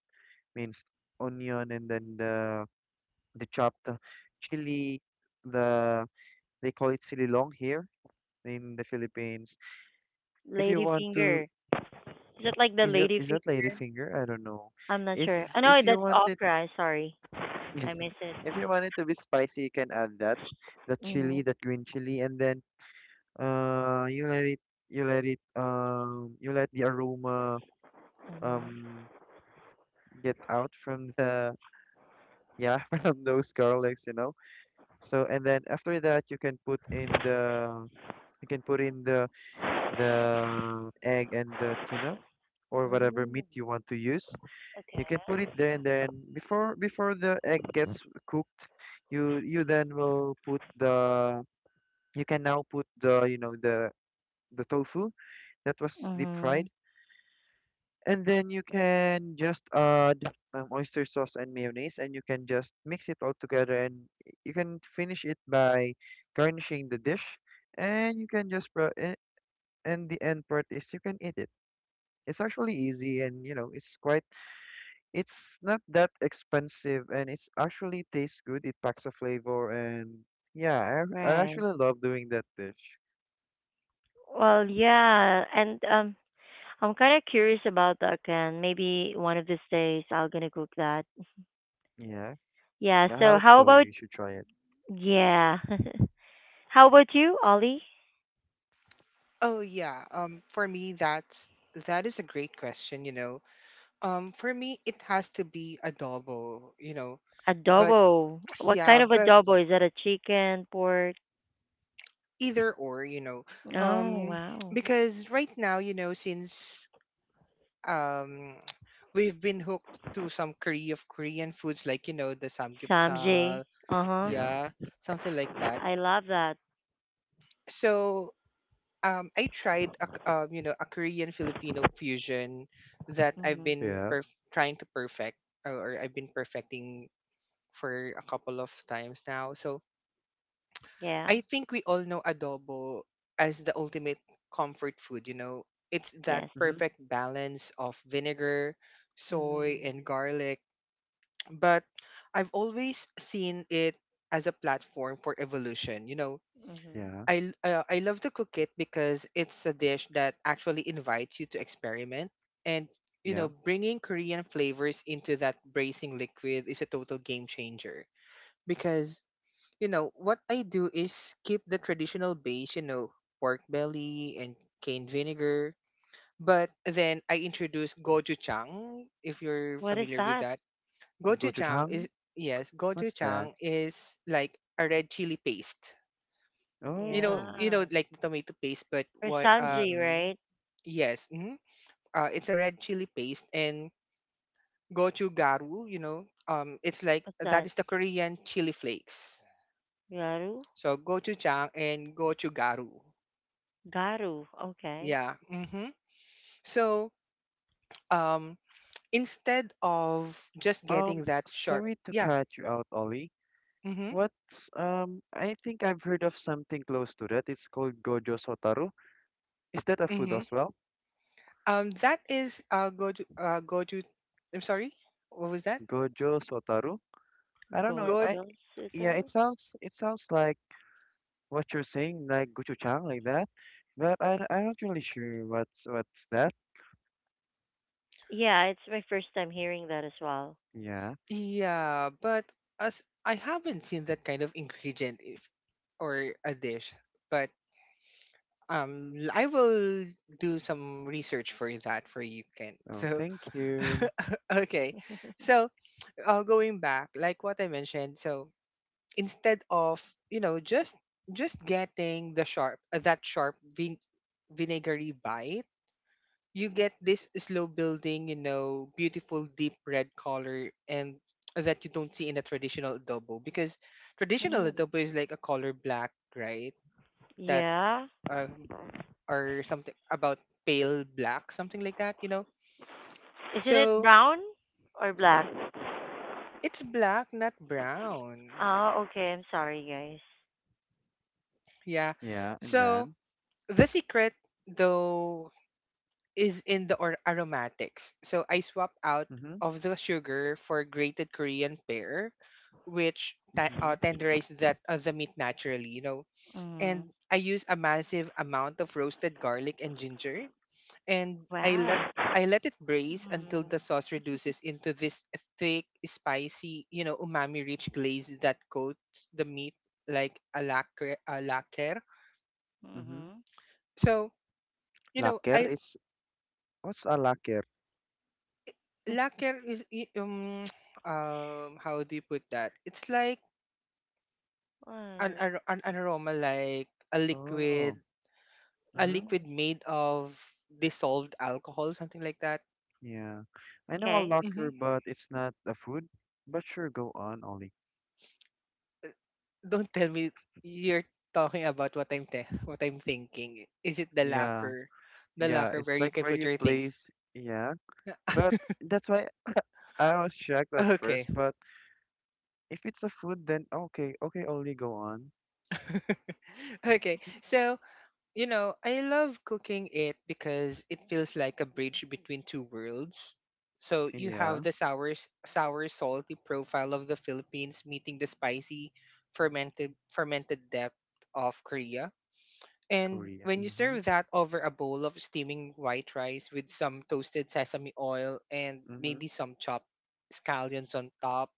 [SPEAKER 2] minced onion and then the chopped chili. The they call it sililong here in the Philippines. If you
[SPEAKER 1] Lady
[SPEAKER 2] want to,
[SPEAKER 1] finger. Is it like the
[SPEAKER 2] is it
[SPEAKER 1] lady
[SPEAKER 2] is
[SPEAKER 1] finger?
[SPEAKER 2] that ladyfinger? I don't know.
[SPEAKER 1] I'm not
[SPEAKER 2] If
[SPEAKER 1] sure. I know
[SPEAKER 2] if you
[SPEAKER 1] that's
[SPEAKER 2] want it,
[SPEAKER 1] okra. Sorry, I miss
[SPEAKER 2] [laughs]
[SPEAKER 1] it.
[SPEAKER 2] if you want it to be spicy, you can add that, the chili,
[SPEAKER 1] Mhm.
[SPEAKER 2] that green chili, and then you let it, you let it, you let the aroma,
[SPEAKER 1] Mhm.
[SPEAKER 2] um, get out from the, yeah, [laughs] from those garlics, you know. So, and then after that, you can you can put in the egg and the tuna or whatever
[SPEAKER 1] Mm,
[SPEAKER 2] meat you want to use. You can put it
[SPEAKER 1] okay.
[SPEAKER 2] there, and then before the egg gets cooked, you then will you can now put the, you know, the tofu that was deep fried.
[SPEAKER 1] Mhm.
[SPEAKER 2] And then you can just add oyster sauce and mayonnaise, and you can just mix it all together. And you can finish it by garnishing the dish. And you can just and the end part is you can eat it. It's actually easy, and you know it's quite. It's not that expensive, and it's actually tastes good. It packs a flavor, and yeah, I
[SPEAKER 1] Right.
[SPEAKER 2] actually love doing that dish.
[SPEAKER 1] Well, yeah, and I'm kind of curious about that, Ken. Maybe one of these days I will gonna cook that.
[SPEAKER 2] Yeah,
[SPEAKER 1] Yeah.
[SPEAKER 2] yeah, I
[SPEAKER 1] So
[SPEAKER 2] hope
[SPEAKER 1] how
[SPEAKER 2] so.
[SPEAKER 1] about
[SPEAKER 2] You should try it.
[SPEAKER 1] yeah? [laughs] How about you, Ollie?
[SPEAKER 3] Oh yeah. For me, that's. That is a great question. You know, for me, it has to be adobo. You know, but
[SPEAKER 1] Adobo. What kind
[SPEAKER 3] yeah,
[SPEAKER 1] of
[SPEAKER 3] but
[SPEAKER 1] adobo? Is that a chicken, pork?
[SPEAKER 3] either or. You know,
[SPEAKER 1] Oh,
[SPEAKER 3] um,
[SPEAKER 1] wow.
[SPEAKER 3] because right now, since um, [tsk] we've been hooked to some Korean foods, like the
[SPEAKER 1] Samje.
[SPEAKER 3] samgyeopsal.
[SPEAKER 1] Uh-huh.
[SPEAKER 2] Yeah,
[SPEAKER 3] Yeah, something like that.
[SPEAKER 1] I love that.
[SPEAKER 3] So, I tried a, k- you know, a Korean Filipino fusion that I've
[SPEAKER 1] Hmm.
[SPEAKER 3] been
[SPEAKER 2] yeah,
[SPEAKER 3] trying to perfect, or I've been perfecting for a couple of times now. So,
[SPEAKER 1] Yeah.
[SPEAKER 3] I think we all know adobo as the ultimate comfort food, you know. It's that
[SPEAKER 1] Yes.
[SPEAKER 2] mm-hmm.
[SPEAKER 3] perfect balance of vinegar, soy, and
[SPEAKER 1] Mm-hmm.
[SPEAKER 3] garlic. But I've always seen it as a platform for evolution, you know.
[SPEAKER 1] Mm-hmm.
[SPEAKER 2] Yeah,
[SPEAKER 3] I love to cook it because it's a dish that actually invites you to experiment, and you
[SPEAKER 2] yeah.
[SPEAKER 3] know, bringing Korean flavors into that bracing liquid is a total game changer, because you know what I do is keep the traditional base, you know, pork belly and cane vinegar, but then I introduce gochujang, if you're
[SPEAKER 1] What is
[SPEAKER 3] familiar with
[SPEAKER 1] that?
[SPEAKER 3] that. Gochujang is
[SPEAKER 2] Gochujang.
[SPEAKER 3] yes
[SPEAKER 2] What's that?
[SPEAKER 3] Gochujang is like a red chili paste. You know,
[SPEAKER 2] Oh,
[SPEAKER 3] you
[SPEAKER 1] Yeah.
[SPEAKER 3] know, like the tomato paste, but
[SPEAKER 1] Or
[SPEAKER 3] what?
[SPEAKER 1] Samji,
[SPEAKER 2] mm-hmm.
[SPEAKER 1] right?
[SPEAKER 3] Yes, hmm, it's a red chili paste. And gochugaru, you know, it's like
[SPEAKER 1] What's
[SPEAKER 3] that
[SPEAKER 1] that?
[SPEAKER 3] is the Korean chili flakes.
[SPEAKER 1] Garu?
[SPEAKER 3] So gochujang and gochugaru.
[SPEAKER 1] Garu. Okay.
[SPEAKER 3] Yeah. Mm-hmm. So, um, instead of just
[SPEAKER 2] Um,
[SPEAKER 3] getting that sharp,
[SPEAKER 2] sorry to
[SPEAKER 3] yeah.
[SPEAKER 2] cut you out, Ollie.
[SPEAKER 3] Mm-hmm.
[SPEAKER 2] I think I've heard of something close to that. It's called Gojo Sotaru. Is that a food
[SPEAKER 3] Mm-hmm.
[SPEAKER 2] as well?
[SPEAKER 3] That is goju. I'm sorry. What was that?
[SPEAKER 2] Gojo Sotaru? I don't know.
[SPEAKER 1] Gojo
[SPEAKER 2] Yeah,
[SPEAKER 1] Suter?
[SPEAKER 2] it sounds like what you're saying, like gochujang, like that. But I'm not really sure what's that.
[SPEAKER 1] Yeah, it's my first time hearing that as well.
[SPEAKER 2] Yeah.
[SPEAKER 3] Yeah, but as I haven't seen that kind of ingredient, if or a dish, but I will do some research for that for you, Ken.
[SPEAKER 2] Oh,
[SPEAKER 3] So
[SPEAKER 2] thank you.
[SPEAKER 3] [laughs] okay. So, going back, like what I mentioned, so instead of, you know, just getting the sharp that sharp vinegary bite, you get this slow building, you know, beautiful deep red color, and that you don't see in a traditional adobo because traditional
[SPEAKER 1] Mm.
[SPEAKER 3] adobo is like a color black, right? That
[SPEAKER 1] Yeah.
[SPEAKER 3] uh, or something about pale black, something like that, you know.
[SPEAKER 1] Isn't it
[SPEAKER 3] So
[SPEAKER 1] brown or black?
[SPEAKER 3] it's black, not brown.
[SPEAKER 1] Oh, okay. I'm sorry, guys.
[SPEAKER 3] Yeah.
[SPEAKER 2] Yeah, and
[SPEAKER 3] So
[SPEAKER 2] then,
[SPEAKER 3] the secret though is in the aromatics. So I swapped out
[SPEAKER 2] mm-hmm,
[SPEAKER 3] of the sugar for grated Korean pear, which
[SPEAKER 2] mm-hmm,
[SPEAKER 3] tenderized that the meat naturally, you know.
[SPEAKER 1] Mm.
[SPEAKER 3] And I use a massive amount of roasted garlic and ginger, and
[SPEAKER 1] Wow.
[SPEAKER 3] I let it braise until
[SPEAKER 1] Mm.
[SPEAKER 3] the sauce reduces into this thick, spicy, you know, umami-rich glaze that coats the meat like a lacquer. A lacquer.
[SPEAKER 2] mm-hmm.
[SPEAKER 1] Mhm.
[SPEAKER 3] So you know,
[SPEAKER 2] Laker
[SPEAKER 3] I,
[SPEAKER 2] is, what's a laker?
[SPEAKER 1] [laughs]
[SPEAKER 3] lacquer is [tsk] how do you put that? It's like
[SPEAKER 1] What?
[SPEAKER 3] an aroma like a liquid
[SPEAKER 2] Oh.
[SPEAKER 3] a
[SPEAKER 2] Mm-hmm.
[SPEAKER 1] Mm.
[SPEAKER 3] liquid made of dissolved alcohol, something like that.
[SPEAKER 2] Yeah. I know a
[SPEAKER 1] Okay.
[SPEAKER 3] Hmm.
[SPEAKER 2] locker, but it's not a food. But sure, go on, Ollie.
[SPEAKER 3] Don't tell me you're talking about what I'm thinking. Is it
[SPEAKER 2] Yeah,
[SPEAKER 3] the
[SPEAKER 2] yeah.
[SPEAKER 3] lacquer
[SPEAKER 2] It's
[SPEAKER 3] where you
[SPEAKER 2] like
[SPEAKER 3] can
[SPEAKER 2] where
[SPEAKER 3] put
[SPEAKER 2] you
[SPEAKER 3] your things?
[SPEAKER 2] place. Yeah. But
[SPEAKER 3] [laughs]
[SPEAKER 2] that's why I was shocked at
[SPEAKER 3] okay,
[SPEAKER 2] first. But if it's a food, then okay, okay, Ollie, go on.
[SPEAKER 3] [laughs] okay. So I love cooking it because it feels like a bridge between two worlds. So you have
[SPEAKER 2] Yeah,
[SPEAKER 3] the sour, sour, salty profile of the Philippines meeting the spicy, fermented depth of Korea. And
[SPEAKER 2] Korea.
[SPEAKER 3] when you
[SPEAKER 2] Mm-hmm.
[SPEAKER 3] serve that over a bowl of steaming white rice with some toasted sesame oil and
[SPEAKER 2] Mm-hmm.
[SPEAKER 3] maybe some chopped scallions on top,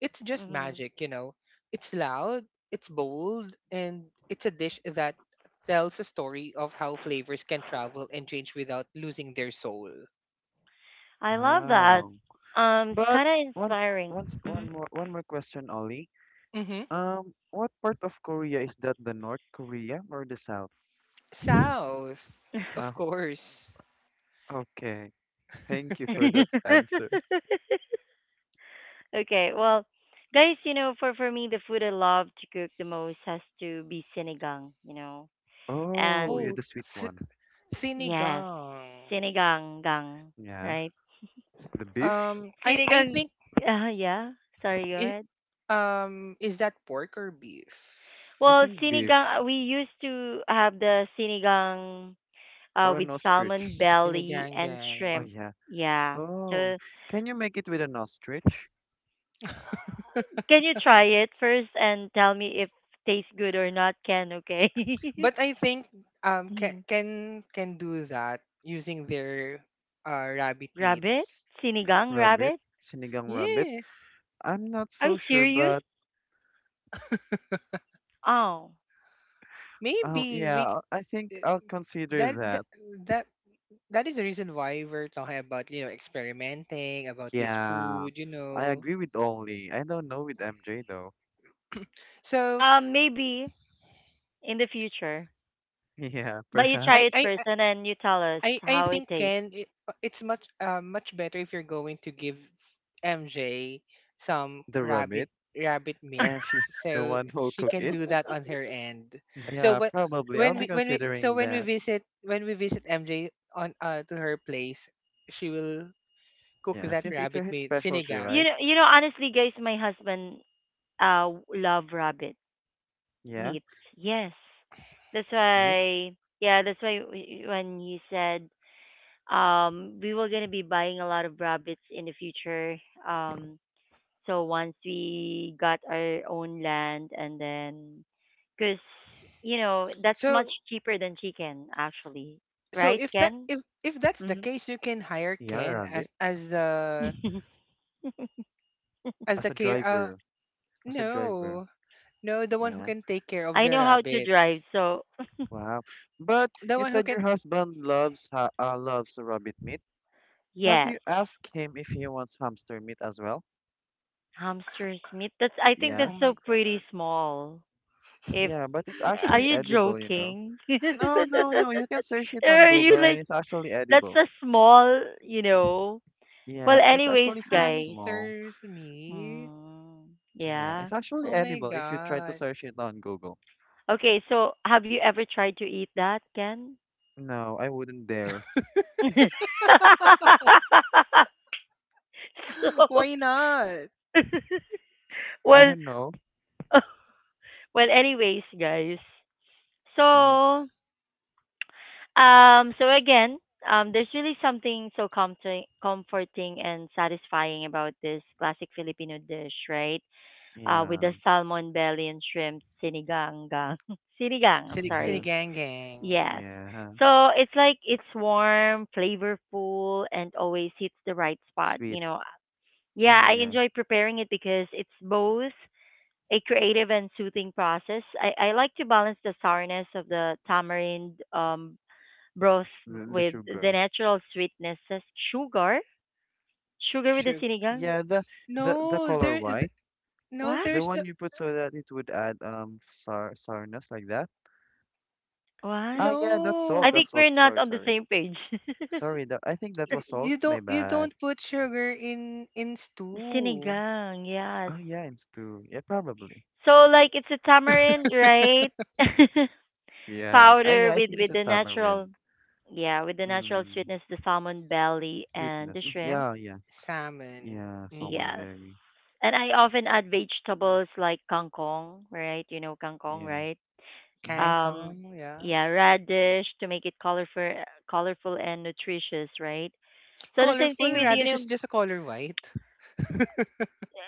[SPEAKER 3] it's just
[SPEAKER 1] Mhm.
[SPEAKER 3] magic, you know. It's loud, it's bold, and it's a dish that tells a story of how flavors can travel and change without losing their soul.
[SPEAKER 1] I love that.
[SPEAKER 2] Wow.
[SPEAKER 1] It's
[SPEAKER 2] But
[SPEAKER 1] kind of
[SPEAKER 2] one,
[SPEAKER 1] inspiring. Mhm.
[SPEAKER 2] one more question, Ollie.
[SPEAKER 3] Mm-hmm.
[SPEAKER 2] What part of Korea is that? The North Korea or the South?
[SPEAKER 3] South,
[SPEAKER 2] Uh,
[SPEAKER 3] of course.
[SPEAKER 2] okay. Thank you for that answer.
[SPEAKER 1] [laughs] Okay. Well, guys, you know, for me, the food I love to cook the most has to be sinigang. You know,
[SPEAKER 2] Oh, yeah,
[SPEAKER 1] and
[SPEAKER 3] Oh,
[SPEAKER 2] the sweet
[SPEAKER 3] th-
[SPEAKER 2] one.
[SPEAKER 1] yes,
[SPEAKER 3] sinigang.
[SPEAKER 1] sinigang gang,
[SPEAKER 2] Yeah.
[SPEAKER 1] right?
[SPEAKER 2] The beef?
[SPEAKER 3] I
[SPEAKER 1] Sinigang.
[SPEAKER 3] think
[SPEAKER 1] Yeah. Sorry, go
[SPEAKER 3] is
[SPEAKER 1] ahead.
[SPEAKER 3] is that pork or beef?
[SPEAKER 2] I
[SPEAKER 1] Well,
[SPEAKER 2] think beef
[SPEAKER 1] sinigang, we used to have the sinigang
[SPEAKER 2] or
[SPEAKER 1] with
[SPEAKER 2] an ostrich.
[SPEAKER 1] salmon belly
[SPEAKER 3] Sinigang.
[SPEAKER 1] and
[SPEAKER 2] Oh,
[SPEAKER 1] shrimp.
[SPEAKER 2] yeah.
[SPEAKER 1] Yeah. So,
[SPEAKER 2] Oh, can you make it with an ostrich?
[SPEAKER 1] can you try it first and tell me if tastes good or not, Ken, okay? [laughs]
[SPEAKER 3] But I think um can
[SPEAKER 1] Mhm.
[SPEAKER 3] can can do that using their rabbit
[SPEAKER 1] Rabbit?
[SPEAKER 3] meats.
[SPEAKER 1] Sinigang
[SPEAKER 2] Rabbit?
[SPEAKER 1] rabbit?
[SPEAKER 2] Sinigang rabbit?
[SPEAKER 3] Yes,
[SPEAKER 2] I'm not
[SPEAKER 1] Are you
[SPEAKER 2] so sure,
[SPEAKER 1] serious?
[SPEAKER 2] but
[SPEAKER 1] Oh.
[SPEAKER 3] maybe
[SPEAKER 2] yeah,
[SPEAKER 3] we c-
[SPEAKER 2] I think
[SPEAKER 3] uh,
[SPEAKER 2] I'll consider
[SPEAKER 3] that that
[SPEAKER 2] that.
[SPEAKER 3] that that is the reason why we're talking about experimenting about this
[SPEAKER 2] Yeah.
[SPEAKER 3] food, you
[SPEAKER 2] I
[SPEAKER 3] know.
[SPEAKER 2] agree with Ollie. I don't know with MJ though.
[SPEAKER 3] So
[SPEAKER 1] Maybe in the future.
[SPEAKER 2] [laughs] Yeah,
[SPEAKER 1] But you try
[SPEAKER 3] I
[SPEAKER 1] it
[SPEAKER 2] perhaps
[SPEAKER 3] I
[SPEAKER 1] first
[SPEAKER 3] I
[SPEAKER 1] and then you tell us
[SPEAKER 3] I
[SPEAKER 1] how it
[SPEAKER 3] think
[SPEAKER 1] tastes.
[SPEAKER 3] Ken, it's much better if you're going to give MJ some
[SPEAKER 2] the
[SPEAKER 3] rabbit
[SPEAKER 2] rabbit,
[SPEAKER 3] rabbit meat,
[SPEAKER 2] and
[SPEAKER 1] [laughs]
[SPEAKER 2] she's the
[SPEAKER 3] so
[SPEAKER 2] one who'll
[SPEAKER 3] she
[SPEAKER 2] cook
[SPEAKER 3] can
[SPEAKER 2] it.
[SPEAKER 3] do that on her end. So
[SPEAKER 2] Yeah,
[SPEAKER 3] when
[SPEAKER 2] probably. I'll
[SPEAKER 3] when
[SPEAKER 2] be
[SPEAKER 3] we when we so
[SPEAKER 2] considering
[SPEAKER 3] when we
[SPEAKER 2] that.
[SPEAKER 3] visit when we visit MJ on to her place, she will cook
[SPEAKER 2] Yeah,
[SPEAKER 3] that
[SPEAKER 2] since it's
[SPEAKER 3] rabbit
[SPEAKER 2] her
[SPEAKER 3] meat
[SPEAKER 2] specialty,
[SPEAKER 3] sinigang.
[SPEAKER 1] You
[SPEAKER 2] right?
[SPEAKER 1] know, you know, honestly, guys, my husband love rabbit
[SPEAKER 2] Yeah.
[SPEAKER 1] meat. Yes. That's
[SPEAKER 2] Meat.
[SPEAKER 1] why, yeah, that's why when you said we were going to be buying a lot of rabbits in the future. Um so once we got our own land and then cuz you know, that's much
[SPEAKER 3] So
[SPEAKER 1] cheaper than chicken actually.
[SPEAKER 3] so
[SPEAKER 1] Right,
[SPEAKER 3] if that
[SPEAKER 1] Ken?
[SPEAKER 3] if if that's the
[SPEAKER 1] Mhm.
[SPEAKER 3] case, you can hire
[SPEAKER 2] Yeah,
[SPEAKER 3] Ken as
[SPEAKER 2] rabbit.
[SPEAKER 1] [laughs]
[SPEAKER 2] As
[SPEAKER 3] the
[SPEAKER 2] a
[SPEAKER 3] care.
[SPEAKER 2] driver. As a driver.
[SPEAKER 3] No, no, the one who
[SPEAKER 2] Yeah.
[SPEAKER 3] can take care of
[SPEAKER 1] I
[SPEAKER 3] the
[SPEAKER 1] know how to drive.
[SPEAKER 3] rabbits,
[SPEAKER 1] So,
[SPEAKER 2] Wow. But
[SPEAKER 3] the
[SPEAKER 2] you
[SPEAKER 3] one who
[SPEAKER 2] said
[SPEAKER 3] can.
[SPEAKER 2] your husband loves ha loves rabbit meat. Have
[SPEAKER 1] yes.
[SPEAKER 2] you asked him if he wants hamster meat as well?
[SPEAKER 1] Hamster's meat. That's I think
[SPEAKER 2] Yeah.
[SPEAKER 1] that's
[SPEAKER 3] Oh my
[SPEAKER 1] so pretty
[SPEAKER 3] god,
[SPEAKER 1] small. If
[SPEAKER 2] Yeah, but it's
[SPEAKER 1] are
[SPEAKER 2] actually
[SPEAKER 1] you
[SPEAKER 2] edible, you know.
[SPEAKER 1] joking? [laughs]
[SPEAKER 2] No, no, no. You can search it
[SPEAKER 1] Or
[SPEAKER 2] on
[SPEAKER 1] are
[SPEAKER 2] Google
[SPEAKER 1] you
[SPEAKER 2] and
[SPEAKER 1] like
[SPEAKER 2] it's actually
[SPEAKER 1] that's
[SPEAKER 2] edible.
[SPEAKER 1] a small, you know? Well,
[SPEAKER 2] Yeah, it's
[SPEAKER 1] anyways,
[SPEAKER 2] actually pretty
[SPEAKER 1] guys.
[SPEAKER 2] small.
[SPEAKER 3] hamsters meat.
[SPEAKER 1] Mm,
[SPEAKER 2] Yeah,
[SPEAKER 1] yeah.
[SPEAKER 2] it's actually
[SPEAKER 3] Oh my
[SPEAKER 2] edible if you try to
[SPEAKER 3] god,
[SPEAKER 2] search it on Google.
[SPEAKER 1] Okay, so have you ever tried to eat that, Ken?
[SPEAKER 2] No, I wouldn't dare.
[SPEAKER 1] [laughs] So
[SPEAKER 3] [gasps] why not?
[SPEAKER 1] [laughs]
[SPEAKER 2] I
[SPEAKER 1] well,
[SPEAKER 2] don't know.
[SPEAKER 1] [laughs] well, anyways, guys.
[SPEAKER 2] Hmm
[SPEAKER 1] So, so again, there's really something so comforting and satisfying about this classic Filipino dish, right? Uh, with
[SPEAKER 2] yeah.
[SPEAKER 1] the salmon belly and shrimp sinigang. Gang- [laughs] sinigang,
[SPEAKER 2] [laughs]
[SPEAKER 1] I'm
[SPEAKER 2] Yeah.
[SPEAKER 1] sorry.
[SPEAKER 3] Sinigang gang.
[SPEAKER 1] Yes.
[SPEAKER 2] Yeah.
[SPEAKER 1] So it's like it's warm, flavorful, and always hits the right spot.
[SPEAKER 2] Sweet.
[SPEAKER 1] You know, yeah,
[SPEAKER 2] Mm,
[SPEAKER 1] I
[SPEAKER 2] yeah.
[SPEAKER 1] enjoy preparing it because it's both a creative and soothing process. I like to balance the sourness of the tamarind broth
[SPEAKER 2] The
[SPEAKER 1] with the
[SPEAKER 2] sugar.
[SPEAKER 1] natural sweetness. Says sugar? Sugar with the
[SPEAKER 3] Sure.
[SPEAKER 1] sinigang?
[SPEAKER 2] Yeah, the
[SPEAKER 3] No,
[SPEAKER 2] color
[SPEAKER 3] there is
[SPEAKER 2] white,
[SPEAKER 3] no.
[SPEAKER 1] What?
[SPEAKER 2] the
[SPEAKER 3] There's no.
[SPEAKER 2] one you put so that it would add sourness like that. Ah,
[SPEAKER 1] What?
[SPEAKER 2] yeah, that's salt.
[SPEAKER 1] I
[SPEAKER 3] No.
[SPEAKER 1] think
[SPEAKER 2] That's salt.
[SPEAKER 1] we're not
[SPEAKER 2] Sorry,
[SPEAKER 1] on the
[SPEAKER 2] sorry,
[SPEAKER 1] same page.
[SPEAKER 2] sorry. That, I think, that was
[SPEAKER 1] [laughs]
[SPEAKER 2] salt.
[SPEAKER 3] You
[SPEAKER 2] My
[SPEAKER 3] don't you don't
[SPEAKER 2] bad.
[SPEAKER 3] put sugar in
[SPEAKER 1] The
[SPEAKER 3] stew.
[SPEAKER 1] sinigang, yes.
[SPEAKER 2] Oh yeah, in stew. Yeah, probably.
[SPEAKER 1] So like it's a tamarind, right? [laughs]
[SPEAKER 2] Yeah. I yeah,
[SPEAKER 1] Powder
[SPEAKER 2] I
[SPEAKER 1] with
[SPEAKER 2] think it's
[SPEAKER 1] with
[SPEAKER 2] a
[SPEAKER 1] the
[SPEAKER 2] tamarind.
[SPEAKER 1] natural, yeah, with the natural
[SPEAKER 2] Mm,
[SPEAKER 1] sweetness, the salmon belly and
[SPEAKER 2] sweetness.
[SPEAKER 1] the
[SPEAKER 2] Mm,
[SPEAKER 1] shrimp.
[SPEAKER 2] yeah, yeah,
[SPEAKER 3] Salmon.
[SPEAKER 2] yeah. Salmon
[SPEAKER 3] Mm-hmm.
[SPEAKER 1] Yes.
[SPEAKER 2] berry.
[SPEAKER 1] And I often add vegetables like kangkong, right? You know kangkong,
[SPEAKER 2] Yeah.
[SPEAKER 1] right?
[SPEAKER 2] Mhm.
[SPEAKER 1] Um,
[SPEAKER 3] Kangkong, yeah.
[SPEAKER 1] yeah, radish to make it colorful, colorful and nutritious, right? So the same thing
[SPEAKER 3] Colorful
[SPEAKER 1] with
[SPEAKER 2] Mhm.
[SPEAKER 1] you
[SPEAKER 3] radish
[SPEAKER 1] know,
[SPEAKER 3] is just a color white. [laughs]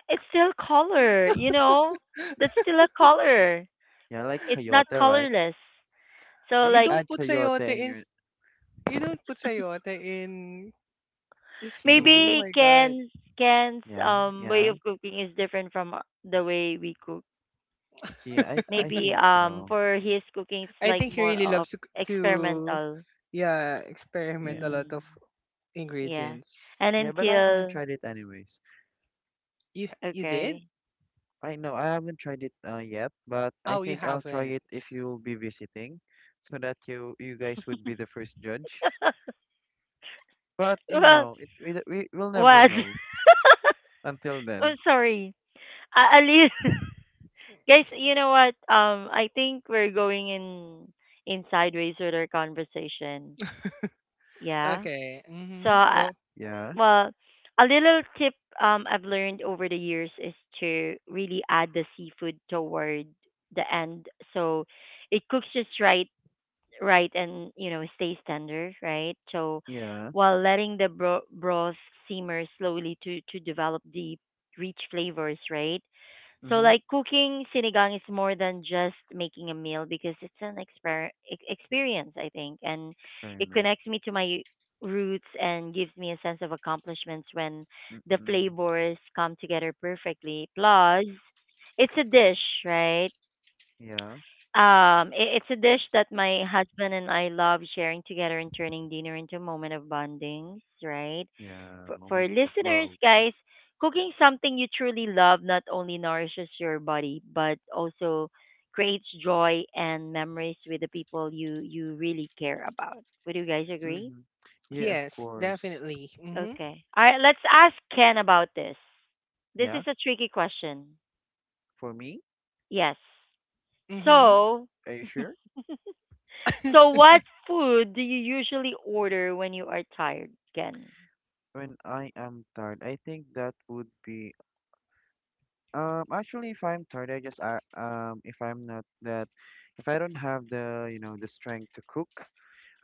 [SPEAKER 1] it's still color, you know, that's still a color.
[SPEAKER 2] Yeah, like
[SPEAKER 1] It's not
[SPEAKER 2] chayote, right?
[SPEAKER 1] colorless. So
[SPEAKER 2] Do
[SPEAKER 3] you
[SPEAKER 2] you
[SPEAKER 1] like
[SPEAKER 3] don't
[SPEAKER 2] add
[SPEAKER 3] put sayote
[SPEAKER 2] chayote in
[SPEAKER 3] in s-
[SPEAKER 2] your
[SPEAKER 3] you don't put sayote in stew. Oh
[SPEAKER 2] in?
[SPEAKER 1] maybe
[SPEAKER 3] my god.
[SPEAKER 1] Ken's Ken's
[SPEAKER 2] Yeah,
[SPEAKER 1] way
[SPEAKER 2] yeah,
[SPEAKER 1] of cooking is different from the way we cook.
[SPEAKER 2] yeah. I
[SPEAKER 3] [laughs]
[SPEAKER 2] I
[SPEAKER 1] Maybe
[SPEAKER 2] think so.
[SPEAKER 1] for his cooking it's
[SPEAKER 3] I
[SPEAKER 1] like
[SPEAKER 3] think he
[SPEAKER 1] more
[SPEAKER 3] really
[SPEAKER 1] of
[SPEAKER 3] loves to
[SPEAKER 1] experimental.
[SPEAKER 3] yeah, experiment a
[SPEAKER 2] Yeah.
[SPEAKER 3] lot
[SPEAKER 1] Mm,
[SPEAKER 3] of
[SPEAKER 1] yeah.
[SPEAKER 3] ingredients.
[SPEAKER 1] And
[SPEAKER 2] Yeah, but I haven't
[SPEAKER 1] until
[SPEAKER 2] tried it anyways.
[SPEAKER 3] You you did?
[SPEAKER 1] okay.
[SPEAKER 2] I know I haven't tried it yet, but I
[SPEAKER 3] Oh, you
[SPEAKER 2] think I'll try
[SPEAKER 3] haven't.
[SPEAKER 2] it if you'll be visiting, so that you guys would be the first judge.
[SPEAKER 1] [laughs]
[SPEAKER 2] But you
[SPEAKER 1] Well,
[SPEAKER 2] know, it we will never
[SPEAKER 1] what?
[SPEAKER 2] know
[SPEAKER 1] [laughs]
[SPEAKER 2] until then.
[SPEAKER 1] I'm sorry. I leave. [laughs] Guys, you know what? I think we're going in sideways with our conversation. Yeah.
[SPEAKER 3] Okay.
[SPEAKER 1] So
[SPEAKER 3] Mhm.
[SPEAKER 1] I,
[SPEAKER 3] Go.
[SPEAKER 2] Yeah,
[SPEAKER 1] well, a little tip I've learned over the years is to really add the seafood toward the end. So it cooks just right right and you know stays tender right so
[SPEAKER 2] yeah.
[SPEAKER 1] while letting the broth simmer slowly to develop the rich flavors right so
[SPEAKER 2] Mm-hmm.
[SPEAKER 1] like cooking sinigang is more than just making a meal because it's an experience I think and it
[SPEAKER 2] Experiment.
[SPEAKER 1] connects me to my roots and gives me a sense of accomplishments when the
[SPEAKER 2] Mm-mm.
[SPEAKER 1] flavors come together perfectly plus it's a dish right
[SPEAKER 2] Yeah,
[SPEAKER 1] it, it's a dish that my husband and I love sharing together and turning dinner into a moment of bonding, right?
[SPEAKER 2] yeah.
[SPEAKER 1] For
[SPEAKER 2] Moment of
[SPEAKER 1] listeners,
[SPEAKER 2] love.
[SPEAKER 1] guys, cooking something you truly love not only nourishes your body, but also creates joy and memories with the people you really care about. Would you guys agree?
[SPEAKER 2] Mm-hmm. Yeah, of
[SPEAKER 3] Yes,
[SPEAKER 2] course.
[SPEAKER 3] definitely. Mhm.
[SPEAKER 1] Okay. All right, let's ask Ken about this. This
[SPEAKER 2] Yeah,
[SPEAKER 1] is a tricky question.
[SPEAKER 2] for me.
[SPEAKER 1] Yes.
[SPEAKER 3] Mhm.
[SPEAKER 1] So,
[SPEAKER 2] Are you
[SPEAKER 1] [laughs]
[SPEAKER 2] sure?
[SPEAKER 1] so,
[SPEAKER 3] [laughs]
[SPEAKER 1] what food do you usually order when you are tired, Ken?
[SPEAKER 2] When I am tired, I think that would be. Actually, if I'm tired, I just, if I'm not that, if I don't have the strength to cook,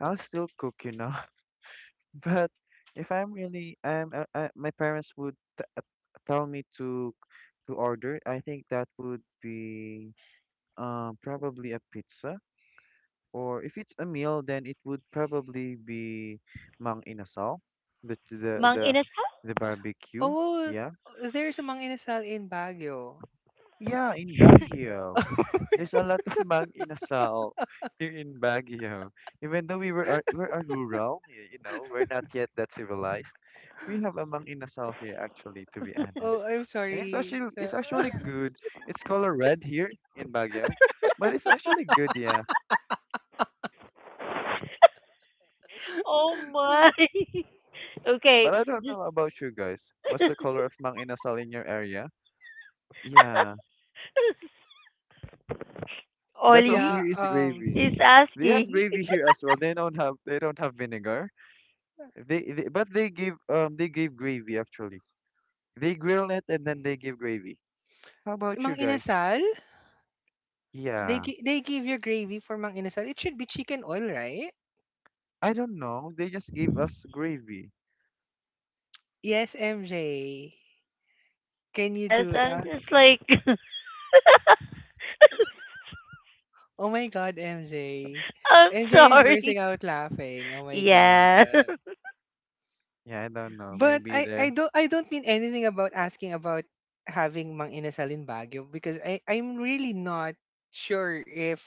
[SPEAKER 2] I'll still cook. [laughs] But if I'm really, my parents would t tell me to order. I think that would be probably a pizza, or if it's a meal, then it would probably be Mang Inasal, the the
[SPEAKER 1] Mang
[SPEAKER 2] the
[SPEAKER 1] inasal? [laughs]
[SPEAKER 2] the barbecue.
[SPEAKER 3] Oh,
[SPEAKER 2] Yeah.
[SPEAKER 3] there's a Mang Inasal in Baguio.
[SPEAKER 2] Yeah, in Baguio.
[SPEAKER 3] [laughs]
[SPEAKER 2] There's a lot of Mang Inasal here in Baguio. Even though we are rural, we're not yet that civilized. We have a Mang Inasal here, actually, to be
[SPEAKER 3] Oh,
[SPEAKER 2] honest.
[SPEAKER 3] I'm
[SPEAKER 2] And it's
[SPEAKER 3] sorry.
[SPEAKER 2] actually it's
[SPEAKER 3] So,
[SPEAKER 2] actually good. It's color red here in Baguio, but it's actually good, yeah.
[SPEAKER 1] Oh my.
[SPEAKER 3] [laughs]
[SPEAKER 1] [laughs]
[SPEAKER 2] But
[SPEAKER 1] Okay,
[SPEAKER 2] I don't
[SPEAKER 1] just
[SPEAKER 2] know about you guys. What's the
[SPEAKER 1] [laughs]
[SPEAKER 2] color of Mang Inasal in your area? Yeah, that's
[SPEAKER 1] Ollie
[SPEAKER 2] also
[SPEAKER 3] yeah,
[SPEAKER 2] here is gravy.
[SPEAKER 1] is
[SPEAKER 2] They have
[SPEAKER 1] asking.
[SPEAKER 2] gravy here as well. They don't have vinegar. They but they give they give gravy, actually. They grill it and then they give gravy. How about you
[SPEAKER 3] Mang
[SPEAKER 2] guys?
[SPEAKER 3] Inasal,
[SPEAKER 2] Yeah,
[SPEAKER 3] they give you gravy for Mang Inasal. It should be chicken oil, right?
[SPEAKER 2] I don't know. They just gave us gravy.
[SPEAKER 3] Yes, MJ. Can you
[SPEAKER 1] Yes,
[SPEAKER 3] do it?
[SPEAKER 1] I'm
[SPEAKER 3] Uh,
[SPEAKER 1] just like [laughs]
[SPEAKER 3] oh my God, MJ.
[SPEAKER 1] I'm
[SPEAKER 3] MJ is
[SPEAKER 1] sorry.
[SPEAKER 3] bursting out laughing. Oh my God.
[SPEAKER 1] Yeah. [laughs] I'm
[SPEAKER 2] Yeah, I don't know.
[SPEAKER 3] But
[SPEAKER 2] Maybe
[SPEAKER 3] I I
[SPEAKER 2] they're.
[SPEAKER 3] don't I don't mean anything about asking about having Mang Inasal in Baguio because I'm really not sure if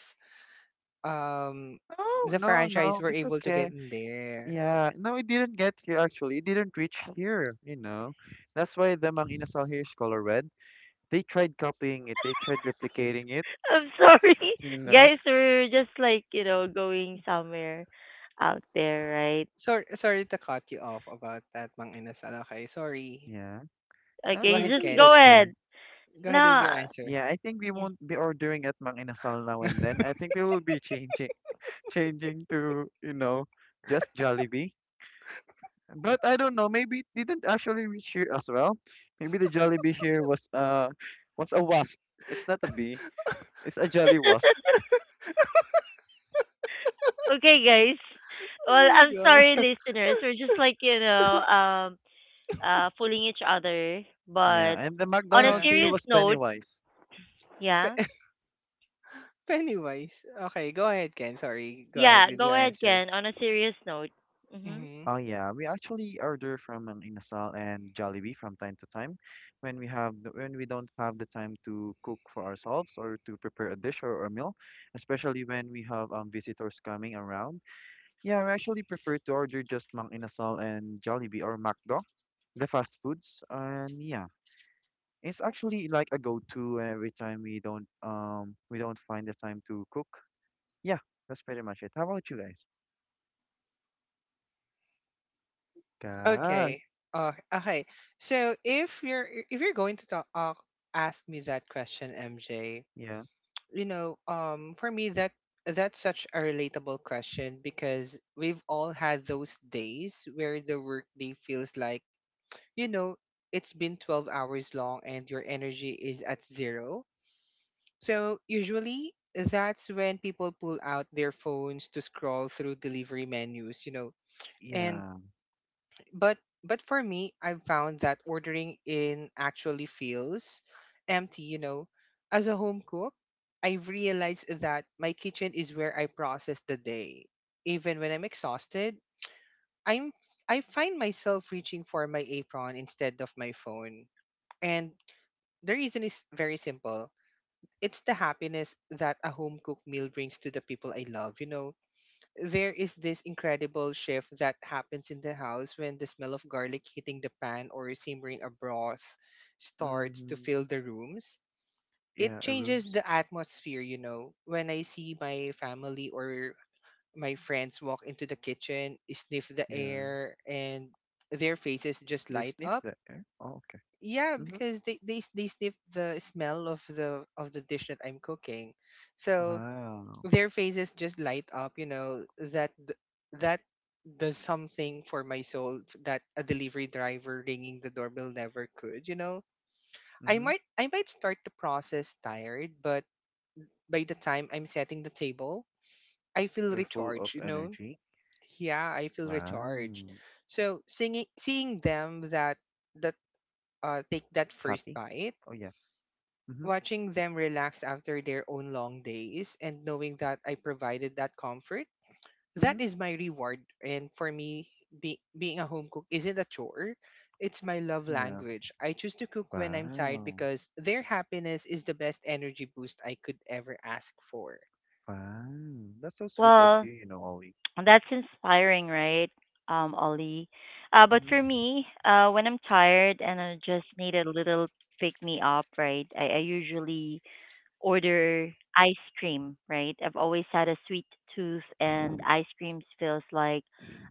[SPEAKER 3] um
[SPEAKER 2] No,
[SPEAKER 3] the
[SPEAKER 2] no,
[SPEAKER 3] franchise
[SPEAKER 2] no.
[SPEAKER 3] were
[SPEAKER 2] It's
[SPEAKER 3] able to get
[SPEAKER 2] okay.
[SPEAKER 3] in there.
[SPEAKER 2] Yeah, no, it didn't get here actually. It didn't reach here. You know, that's why the Mang Inasal here is color red. They tried copying it. They tried replicating it.
[SPEAKER 1] sorry.
[SPEAKER 2] You know.
[SPEAKER 1] Guys, we're just like, you know, going somewhere out there, right?
[SPEAKER 3] Sorry to cut you off about that Mang Inasal. Okay, sorry.
[SPEAKER 2] Yeah. No,
[SPEAKER 3] Go
[SPEAKER 2] it's
[SPEAKER 1] Okay,
[SPEAKER 3] ahead,
[SPEAKER 1] just
[SPEAKER 2] actually
[SPEAKER 1] go
[SPEAKER 3] Ken.
[SPEAKER 2] okay.
[SPEAKER 1] ahead.
[SPEAKER 3] Go ahead with
[SPEAKER 1] Nah.
[SPEAKER 3] your answer.
[SPEAKER 2] Yeah, I think we
[SPEAKER 1] Yeah.
[SPEAKER 2] won't be ordering at Mang Inasal now and then. I think we will be changing to, just Jollibee. But I don't know, maybe it didn't actually reach here as well. Maybe the Jollibee here was a wasp. It's not a bee. It's a jelly wasp.
[SPEAKER 1] Okay, guys. Well,
[SPEAKER 3] Oh my
[SPEAKER 1] I'm sorry,
[SPEAKER 3] god.
[SPEAKER 1] listeners. We're just like you know, fooling each other.
[SPEAKER 2] Yeah,
[SPEAKER 1] But
[SPEAKER 2] and the
[SPEAKER 1] on a
[SPEAKER 2] McDonald's
[SPEAKER 3] Yeah.
[SPEAKER 2] here
[SPEAKER 1] serious
[SPEAKER 2] was
[SPEAKER 1] note,
[SPEAKER 2] Pennywise.
[SPEAKER 3] Pe-
[SPEAKER 1] yeah,
[SPEAKER 3] [laughs] Pennywise. Okay, go ahead, Ken. Sorry. Go ahead
[SPEAKER 1] yeah.
[SPEAKER 3] with
[SPEAKER 1] Go
[SPEAKER 3] your
[SPEAKER 1] ahead,
[SPEAKER 3] answer.
[SPEAKER 1] Ken. On a serious note. Mm-hmm.
[SPEAKER 3] Mm-hmm.
[SPEAKER 2] Oh yeah, we actually order from an Inasal and Jollibee from time to time when we have the, when we don't have the time to cook for ourselves or to prepare a dish or a meal, especially when we have visitors coming around. Yeah, I actually prefer to order just Mang Inasal and Jollibee or McDo, the fast foods. And yeah, it's actually like a go-to every time we don't find the time to cook. Yeah, that's pretty much it. How about you guys? Guy.
[SPEAKER 3] Okay. Okay. So if you're going to ask me that question, MJ,
[SPEAKER 2] Yeah.
[SPEAKER 3] for me that's such a relatable question because we've all had those days where the workday feels like, you know, it's been 12 hours long and your energy is at zero. So usually that's when people pull out their phones to scroll through delivery menus. And
[SPEAKER 2] Yeah.
[SPEAKER 3] but but for me, I've found that ordering in actually feels empty. You know as a home cook, I've realized that my kitchen is where I process the day. Even when I'm exhausted, I'm I find myself reaching for my apron instead of my phone. And the reason is very simple: it's the happiness that a home cooked meal brings to the people I love. There is this incredible shift that happens in the house when the smell of garlic hitting the pan or simmering a broth starts to
[SPEAKER 2] Mm-hmm.
[SPEAKER 3] fill the rooms. It
[SPEAKER 2] Yeah,
[SPEAKER 3] changes
[SPEAKER 2] rooms.
[SPEAKER 3] the atmosphere. When I see my family or my friends walk into the kitchen, sniff the
[SPEAKER 2] Yeah.
[SPEAKER 3] air, and their faces just
[SPEAKER 2] They
[SPEAKER 3] light
[SPEAKER 2] sniff
[SPEAKER 3] up.
[SPEAKER 2] the air. Oh, okay.
[SPEAKER 3] Yeah,
[SPEAKER 2] Mm-hmm.
[SPEAKER 3] because they sniff the smell of the dish that I'm cooking. So
[SPEAKER 2] Wow.
[SPEAKER 3] their faces just light up that does something for my soul that a delivery driver ringing the doorbell never could. i
[SPEAKER 2] Mm-hmm.
[SPEAKER 3] might i might start the process tired, but by the time I'm setting the table, I feel
[SPEAKER 2] You're full of
[SPEAKER 3] recharged.
[SPEAKER 2] energy.
[SPEAKER 3] Yeah, I feel recharged.
[SPEAKER 2] Wow.
[SPEAKER 3] So singing seeing them that take that first
[SPEAKER 2] Happy.
[SPEAKER 3] bite,
[SPEAKER 2] Oh yeah. Mm-hmm.
[SPEAKER 3] watching them relax after their own long days and knowing that I provided that comfort,
[SPEAKER 2] Mm-hmm.
[SPEAKER 3] that is my reward. And for me, being a home cook isn't a chore, it's my love
[SPEAKER 2] Yeah.
[SPEAKER 3] language. I choose to cook when I'm tired
[SPEAKER 2] Wow.
[SPEAKER 3] because their happiness is the best energy boost I could ever ask for.
[SPEAKER 2] Wow, that's so sweet of
[SPEAKER 1] Well,
[SPEAKER 2] you, you know, Ollie.
[SPEAKER 1] [tsk] that's inspiring, right, Ollie? But
[SPEAKER 2] Mm-hmm.
[SPEAKER 1] for me, when I'm tired and I just need a little pick me up, right, I usually order ice cream, right? I've always had a sweet tooth, and ice cream feels like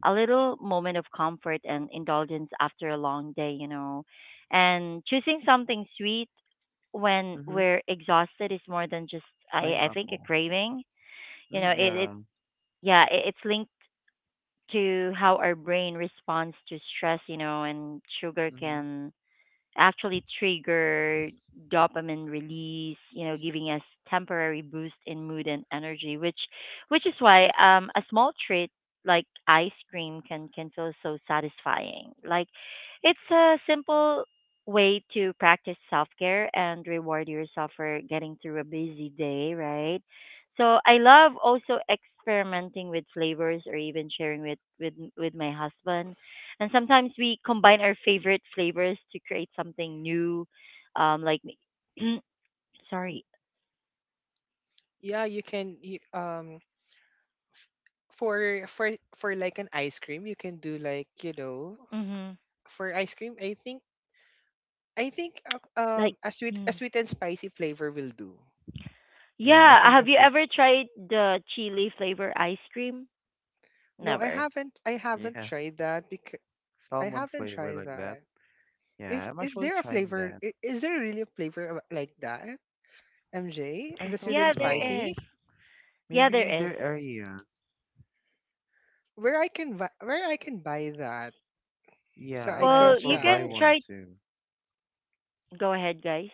[SPEAKER 1] a little moment of comfort and indulgence after a long day, you know. And choosing something sweet when
[SPEAKER 2] Mm-hmm.
[SPEAKER 1] we're exhausted is more than just, I think, a
[SPEAKER 2] Pineapple.
[SPEAKER 1] craving. You know,
[SPEAKER 2] Mm,
[SPEAKER 1] it
[SPEAKER 2] yeah.
[SPEAKER 1] yeah, it, it's linked to how our brain responds to stress, you know, and sugar
[SPEAKER 2] Mm-hmm.
[SPEAKER 1] can actually trigger dopamine release, you know, giving us temporary boost in mood and energy, which is why a small treat like ice cream can feel so satisfying. Like it's a simple way to practice self-care and reward yourself for getting through a busy day, right? So I love also experimenting with flavors or even sharing with my husband and sometimes we combine our favorite flavors to create something new. Like, [clears throat] sorry,
[SPEAKER 3] Yeah, you can for like an ice cream, you can do like,
[SPEAKER 1] mhm.
[SPEAKER 3] for ice cream, I think
[SPEAKER 1] Like,
[SPEAKER 3] a sweet a
[SPEAKER 1] mm.
[SPEAKER 3] sweet and spicy flavor will do.
[SPEAKER 2] Yeah, I
[SPEAKER 1] Yeah.
[SPEAKER 2] think
[SPEAKER 1] Have
[SPEAKER 2] a
[SPEAKER 1] you
[SPEAKER 2] fish.
[SPEAKER 1] ever tried the chili flavor ice cream?
[SPEAKER 3] No, I
[SPEAKER 1] Never.
[SPEAKER 3] haven't I haven't
[SPEAKER 2] Yeah,
[SPEAKER 3] tried that because I
[SPEAKER 2] salmon
[SPEAKER 3] haven't
[SPEAKER 2] flavor
[SPEAKER 3] tried
[SPEAKER 2] like that.
[SPEAKER 3] that.
[SPEAKER 2] Yeah,
[SPEAKER 3] Is
[SPEAKER 2] I'm
[SPEAKER 3] is
[SPEAKER 2] actually
[SPEAKER 3] there a
[SPEAKER 2] trying
[SPEAKER 3] flavor?
[SPEAKER 2] that.
[SPEAKER 3] Is there really a flavor of- like that, MJ?
[SPEAKER 2] I
[SPEAKER 3] The sweet
[SPEAKER 2] don't
[SPEAKER 3] and
[SPEAKER 1] Yeah,
[SPEAKER 2] know.
[SPEAKER 1] there is.
[SPEAKER 3] spicy,
[SPEAKER 1] Yeah,
[SPEAKER 2] Maybe in
[SPEAKER 1] there is.
[SPEAKER 2] their area.
[SPEAKER 3] where I can buy, where I can buy that,
[SPEAKER 2] Yeah,
[SPEAKER 3] so
[SPEAKER 2] I
[SPEAKER 3] I
[SPEAKER 2] might
[SPEAKER 3] can
[SPEAKER 2] as
[SPEAKER 1] Well,
[SPEAKER 2] well
[SPEAKER 1] you
[SPEAKER 2] buy
[SPEAKER 1] can
[SPEAKER 3] try.
[SPEAKER 2] one
[SPEAKER 1] try.
[SPEAKER 2] too.
[SPEAKER 1] Go ahead, guys.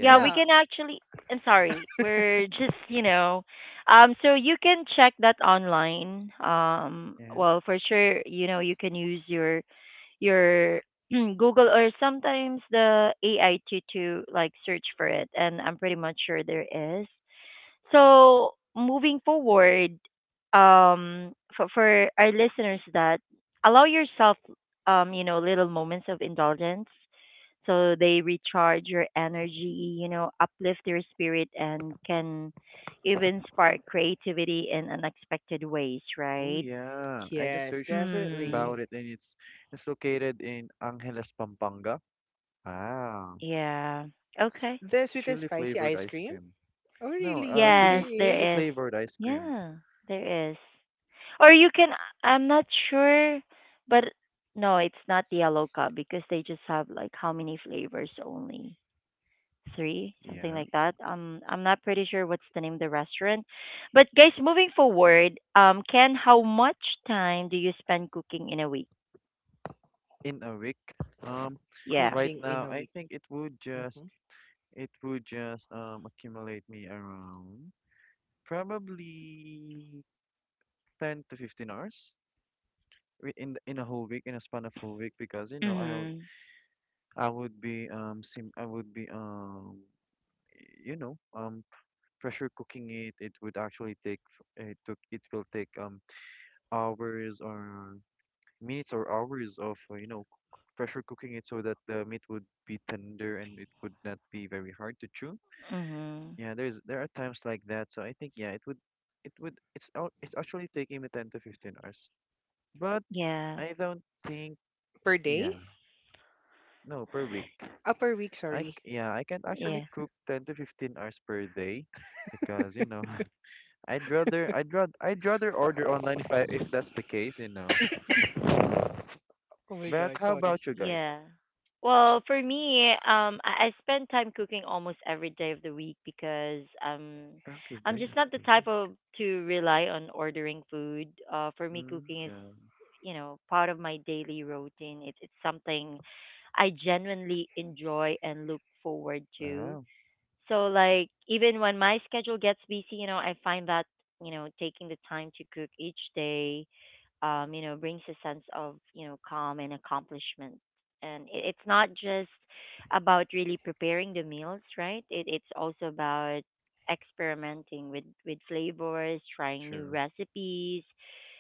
[SPEAKER 1] Yeah, we
[SPEAKER 3] Yeah,
[SPEAKER 1] can actually. I'm sorry. We're just, you know. So you can check that online.
[SPEAKER 2] Yeah.
[SPEAKER 1] Well, for sure, you know, you can use your [clears throat] Google or sometimes the AI to like search for it, and I'm pretty much sure there is. So moving forward, for our listeners that allow yourself, you know, little moments of indulgence, so they recharge your energy, you know, uplift your spirit, and can even spark creativity in unexpected ways,
[SPEAKER 2] Oh
[SPEAKER 1] right?
[SPEAKER 2] yeah. I just
[SPEAKER 3] yes,
[SPEAKER 2] searched
[SPEAKER 1] Mm,
[SPEAKER 2] about
[SPEAKER 3] definitely.
[SPEAKER 2] it and it's located in Angeles, Pampanga. Wow.
[SPEAKER 1] yeah. Okay.
[SPEAKER 3] The sweet and
[SPEAKER 2] Chili
[SPEAKER 3] spicy
[SPEAKER 2] flavored
[SPEAKER 3] ice
[SPEAKER 2] ice
[SPEAKER 3] cream.
[SPEAKER 2] cream.
[SPEAKER 3] Oh,
[SPEAKER 2] No,
[SPEAKER 3] really?
[SPEAKER 1] Yes,
[SPEAKER 2] chili
[SPEAKER 3] There
[SPEAKER 2] chili
[SPEAKER 1] there is.
[SPEAKER 3] is
[SPEAKER 2] flavored ice cream.
[SPEAKER 1] Yeah, there is. Or you can, I'm not sure, but no, it's not yellow cup because they just have like how many flavors only? Three, something
[SPEAKER 2] Yeah.
[SPEAKER 1] like that. I'm not pretty sure what's the name of the restaurant. But guys, moving forward, Ken, how much time do you spend cooking in a week?
[SPEAKER 2] In a week. Um,
[SPEAKER 1] Yeah.
[SPEAKER 2] right
[SPEAKER 3] cooking in
[SPEAKER 2] now,
[SPEAKER 3] a
[SPEAKER 2] I
[SPEAKER 3] week,
[SPEAKER 2] think it would just
[SPEAKER 3] hmm
[SPEAKER 2] it would just um accumulate me around probably 10 to 15 hours in a whole week, in a span of whole week, because you know
[SPEAKER 1] Mhm.
[SPEAKER 2] I would be you know um pressure cooking it. It would actually take f- it took it will take hours or minutes or hours of pressure cooking it so that the meat would be tender and it would not be very hard to chew.
[SPEAKER 1] Mhm.
[SPEAKER 2] Yeah, there are times like that. So I think yeah, it would it's out it's actually taking me 10 to 15 hours. But
[SPEAKER 1] Yeah.
[SPEAKER 2] I don't think,
[SPEAKER 3] per
[SPEAKER 2] yeah,
[SPEAKER 3] day,
[SPEAKER 2] no, per week.
[SPEAKER 3] per week.
[SPEAKER 2] I
[SPEAKER 3] Sorry.
[SPEAKER 2] c- yeah, I can actually
[SPEAKER 1] Yeah.
[SPEAKER 2] cook 10 to 15 hours per day, because you know [laughs] I'd rather order online if that's the case.
[SPEAKER 3] [coughs] Oh my
[SPEAKER 2] But
[SPEAKER 3] god,
[SPEAKER 2] how
[SPEAKER 3] sorry.
[SPEAKER 2] about you guys?
[SPEAKER 1] Yeah. Well, for me, I spend time cooking almost every day of the week because
[SPEAKER 2] Every
[SPEAKER 1] I'm
[SPEAKER 2] day
[SPEAKER 1] just
[SPEAKER 2] of
[SPEAKER 1] not the
[SPEAKER 2] the
[SPEAKER 1] type
[SPEAKER 2] week.
[SPEAKER 1] of to rely on ordering food. For me,
[SPEAKER 2] Mm,
[SPEAKER 1] cooking is,
[SPEAKER 2] yeah.
[SPEAKER 1] you know, part of my daily routine. It, it's something I genuinely enjoy and look forward to.
[SPEAKER 2] Wow,
[SPEAKER 1] So like even when my schedule gets busy, you know, I find that, you know, taking the time to cook each day, you know, brings a sense of, you know, calm and accomplishment. And it, it's not just about really preparing the meals, right? It, it's also about experimenting with flavors, trying new
[SPEAKER 2] true.
[SPEAKER 1] recipes,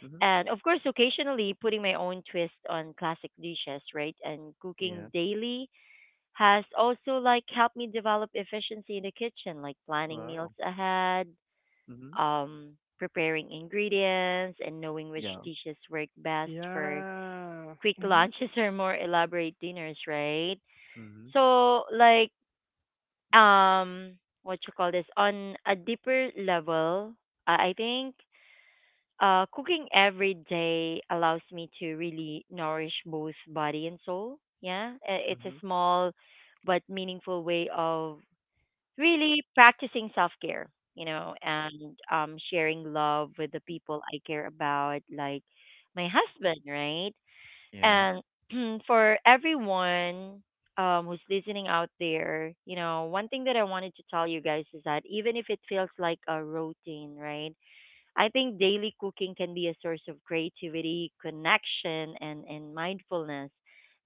[SPEAKER 2] Mm-hmm.
[SPEAKER 1] and of course, occasionally putting my own twist on classic dishes, right? And cooking
[SPEAKER 2] Yeah.
[SPEAKER 1] daily has also like helped me develop efficiency in the kitchen, like planning meals
[SPEAKER 2] Wow.
[SPEAKER 1] ahead,
[SPEAKER 2] Mm-hmm.
[SPEAKER 1] um, preparing ingredients, and knowing which
[SPEAKER 2] Yeah.
[SPEAKER 1] dishes work best for
[SPEAKER 3] Yeah.
[SPEAKER 1] quick
[SPEAKER 3] Hmm.
[SPEAKER 1] lunches [laughs] or more elaborate dinners, right?
[SPEAKER 2] Mm-hmm.
[SPEAKER 1] So like um what you call this on a deeper level, I think cooking every day allows me to really nourish both body and soul. Yeah, I- it's a
[SPEAKER 2] Mm-hmm.
[SPEAKER 1] small but meaningful way of really practicing self care, you know, and sharing love with the people I care about, like my husband, right?
[SPEAKER 2] Yeah.
[SPEAKER 1] And [clears throat] for everyone who's listening out there, you know, one thing that I wanted to tell you guys is that even if it feels like a routine, right? I think daily cooking can be a source of creativity, connection, and mindfulness,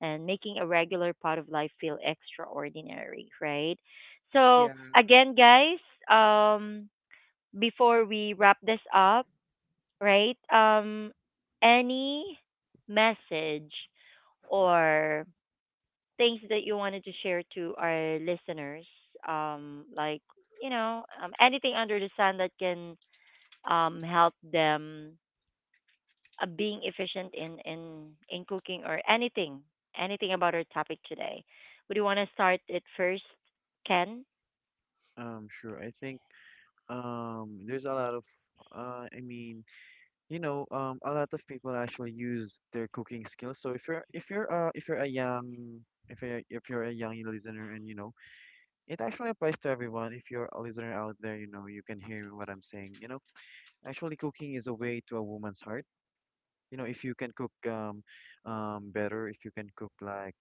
[SPEAKER 1] and making a regular part of life feel extraordinary, right? So,
[SPEAKER 3] Yeah.
[SPEAKER 1] again, guys, um, before we wrap this up, right? Any message or things that you wanted to share to our listeners, like, you know, anything under the sun that can help them being efficient in in cooking or anything anything about our topic today. Would you want to start it first, Ken?
[SPEAKER 2] Sure. I think there's a lot of I mean, a lot of people actually use their cooking skills. So if you're a young listener, and it actually applies to everyone. If you're a listener out there, you can hear what I'm saying. Actually, cooking is a way to a woman's heart. If you can cook better, if you can cook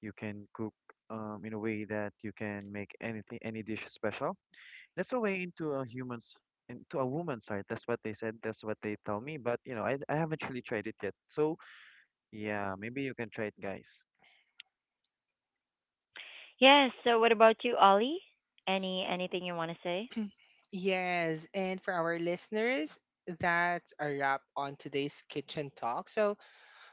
[SPEAKER 2] You can cook in a way that you can make anything, any dish special. That's the way into a human's, into a woman's heart. That's what they said. That's what they tell me. But I haven't really tried it yet. So yeah, maybe you can try it, guys.
[SPEAKER 1] Yes. So, what about you, Ollie? Any anything you want to say?
[SPEAKER 3] Yes, and for our listeners, that's a wrap on today's kitchen talk. So,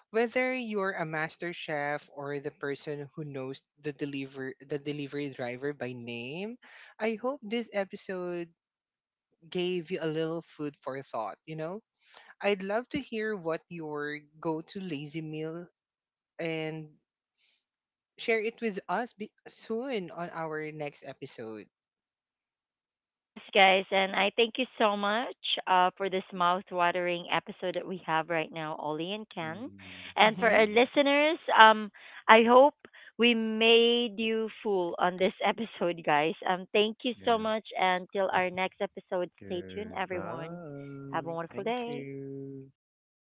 [SPEAKER 3] whether you're a master chef or the person who knows the delivery driver by name, I hope this episode gave you a little food for thought, you know? I'd love to hear what your go-to lazy meal and share it with us soon on our next episode.
[SPEAKER 1] Yes, guys, and I thank you so much for this mouth-watering episode that we have right now, Ollie and Ken.
[SPEAKER 2] Mm,
[SPEAKER 1] And for
[SPEAKER 2] yeah,
[SPEAKER 3] Mhm.
[SPEAKER 1] our listeners, I hope we made you full on this [laughs] episode, guys. Thank you so
[SPEAKER 2] yeah.
[SPEAKER 1] much, and till our next episode, stay tuned, everyone. Have a
[SPEAKER 2] Goodbye.
[SPEAKER 1] wonderful
[SPEAKER 2] Thank
[SPEAKER 1] day.
[SPEAKER 2] you.
[SPEAKER 3] Bye.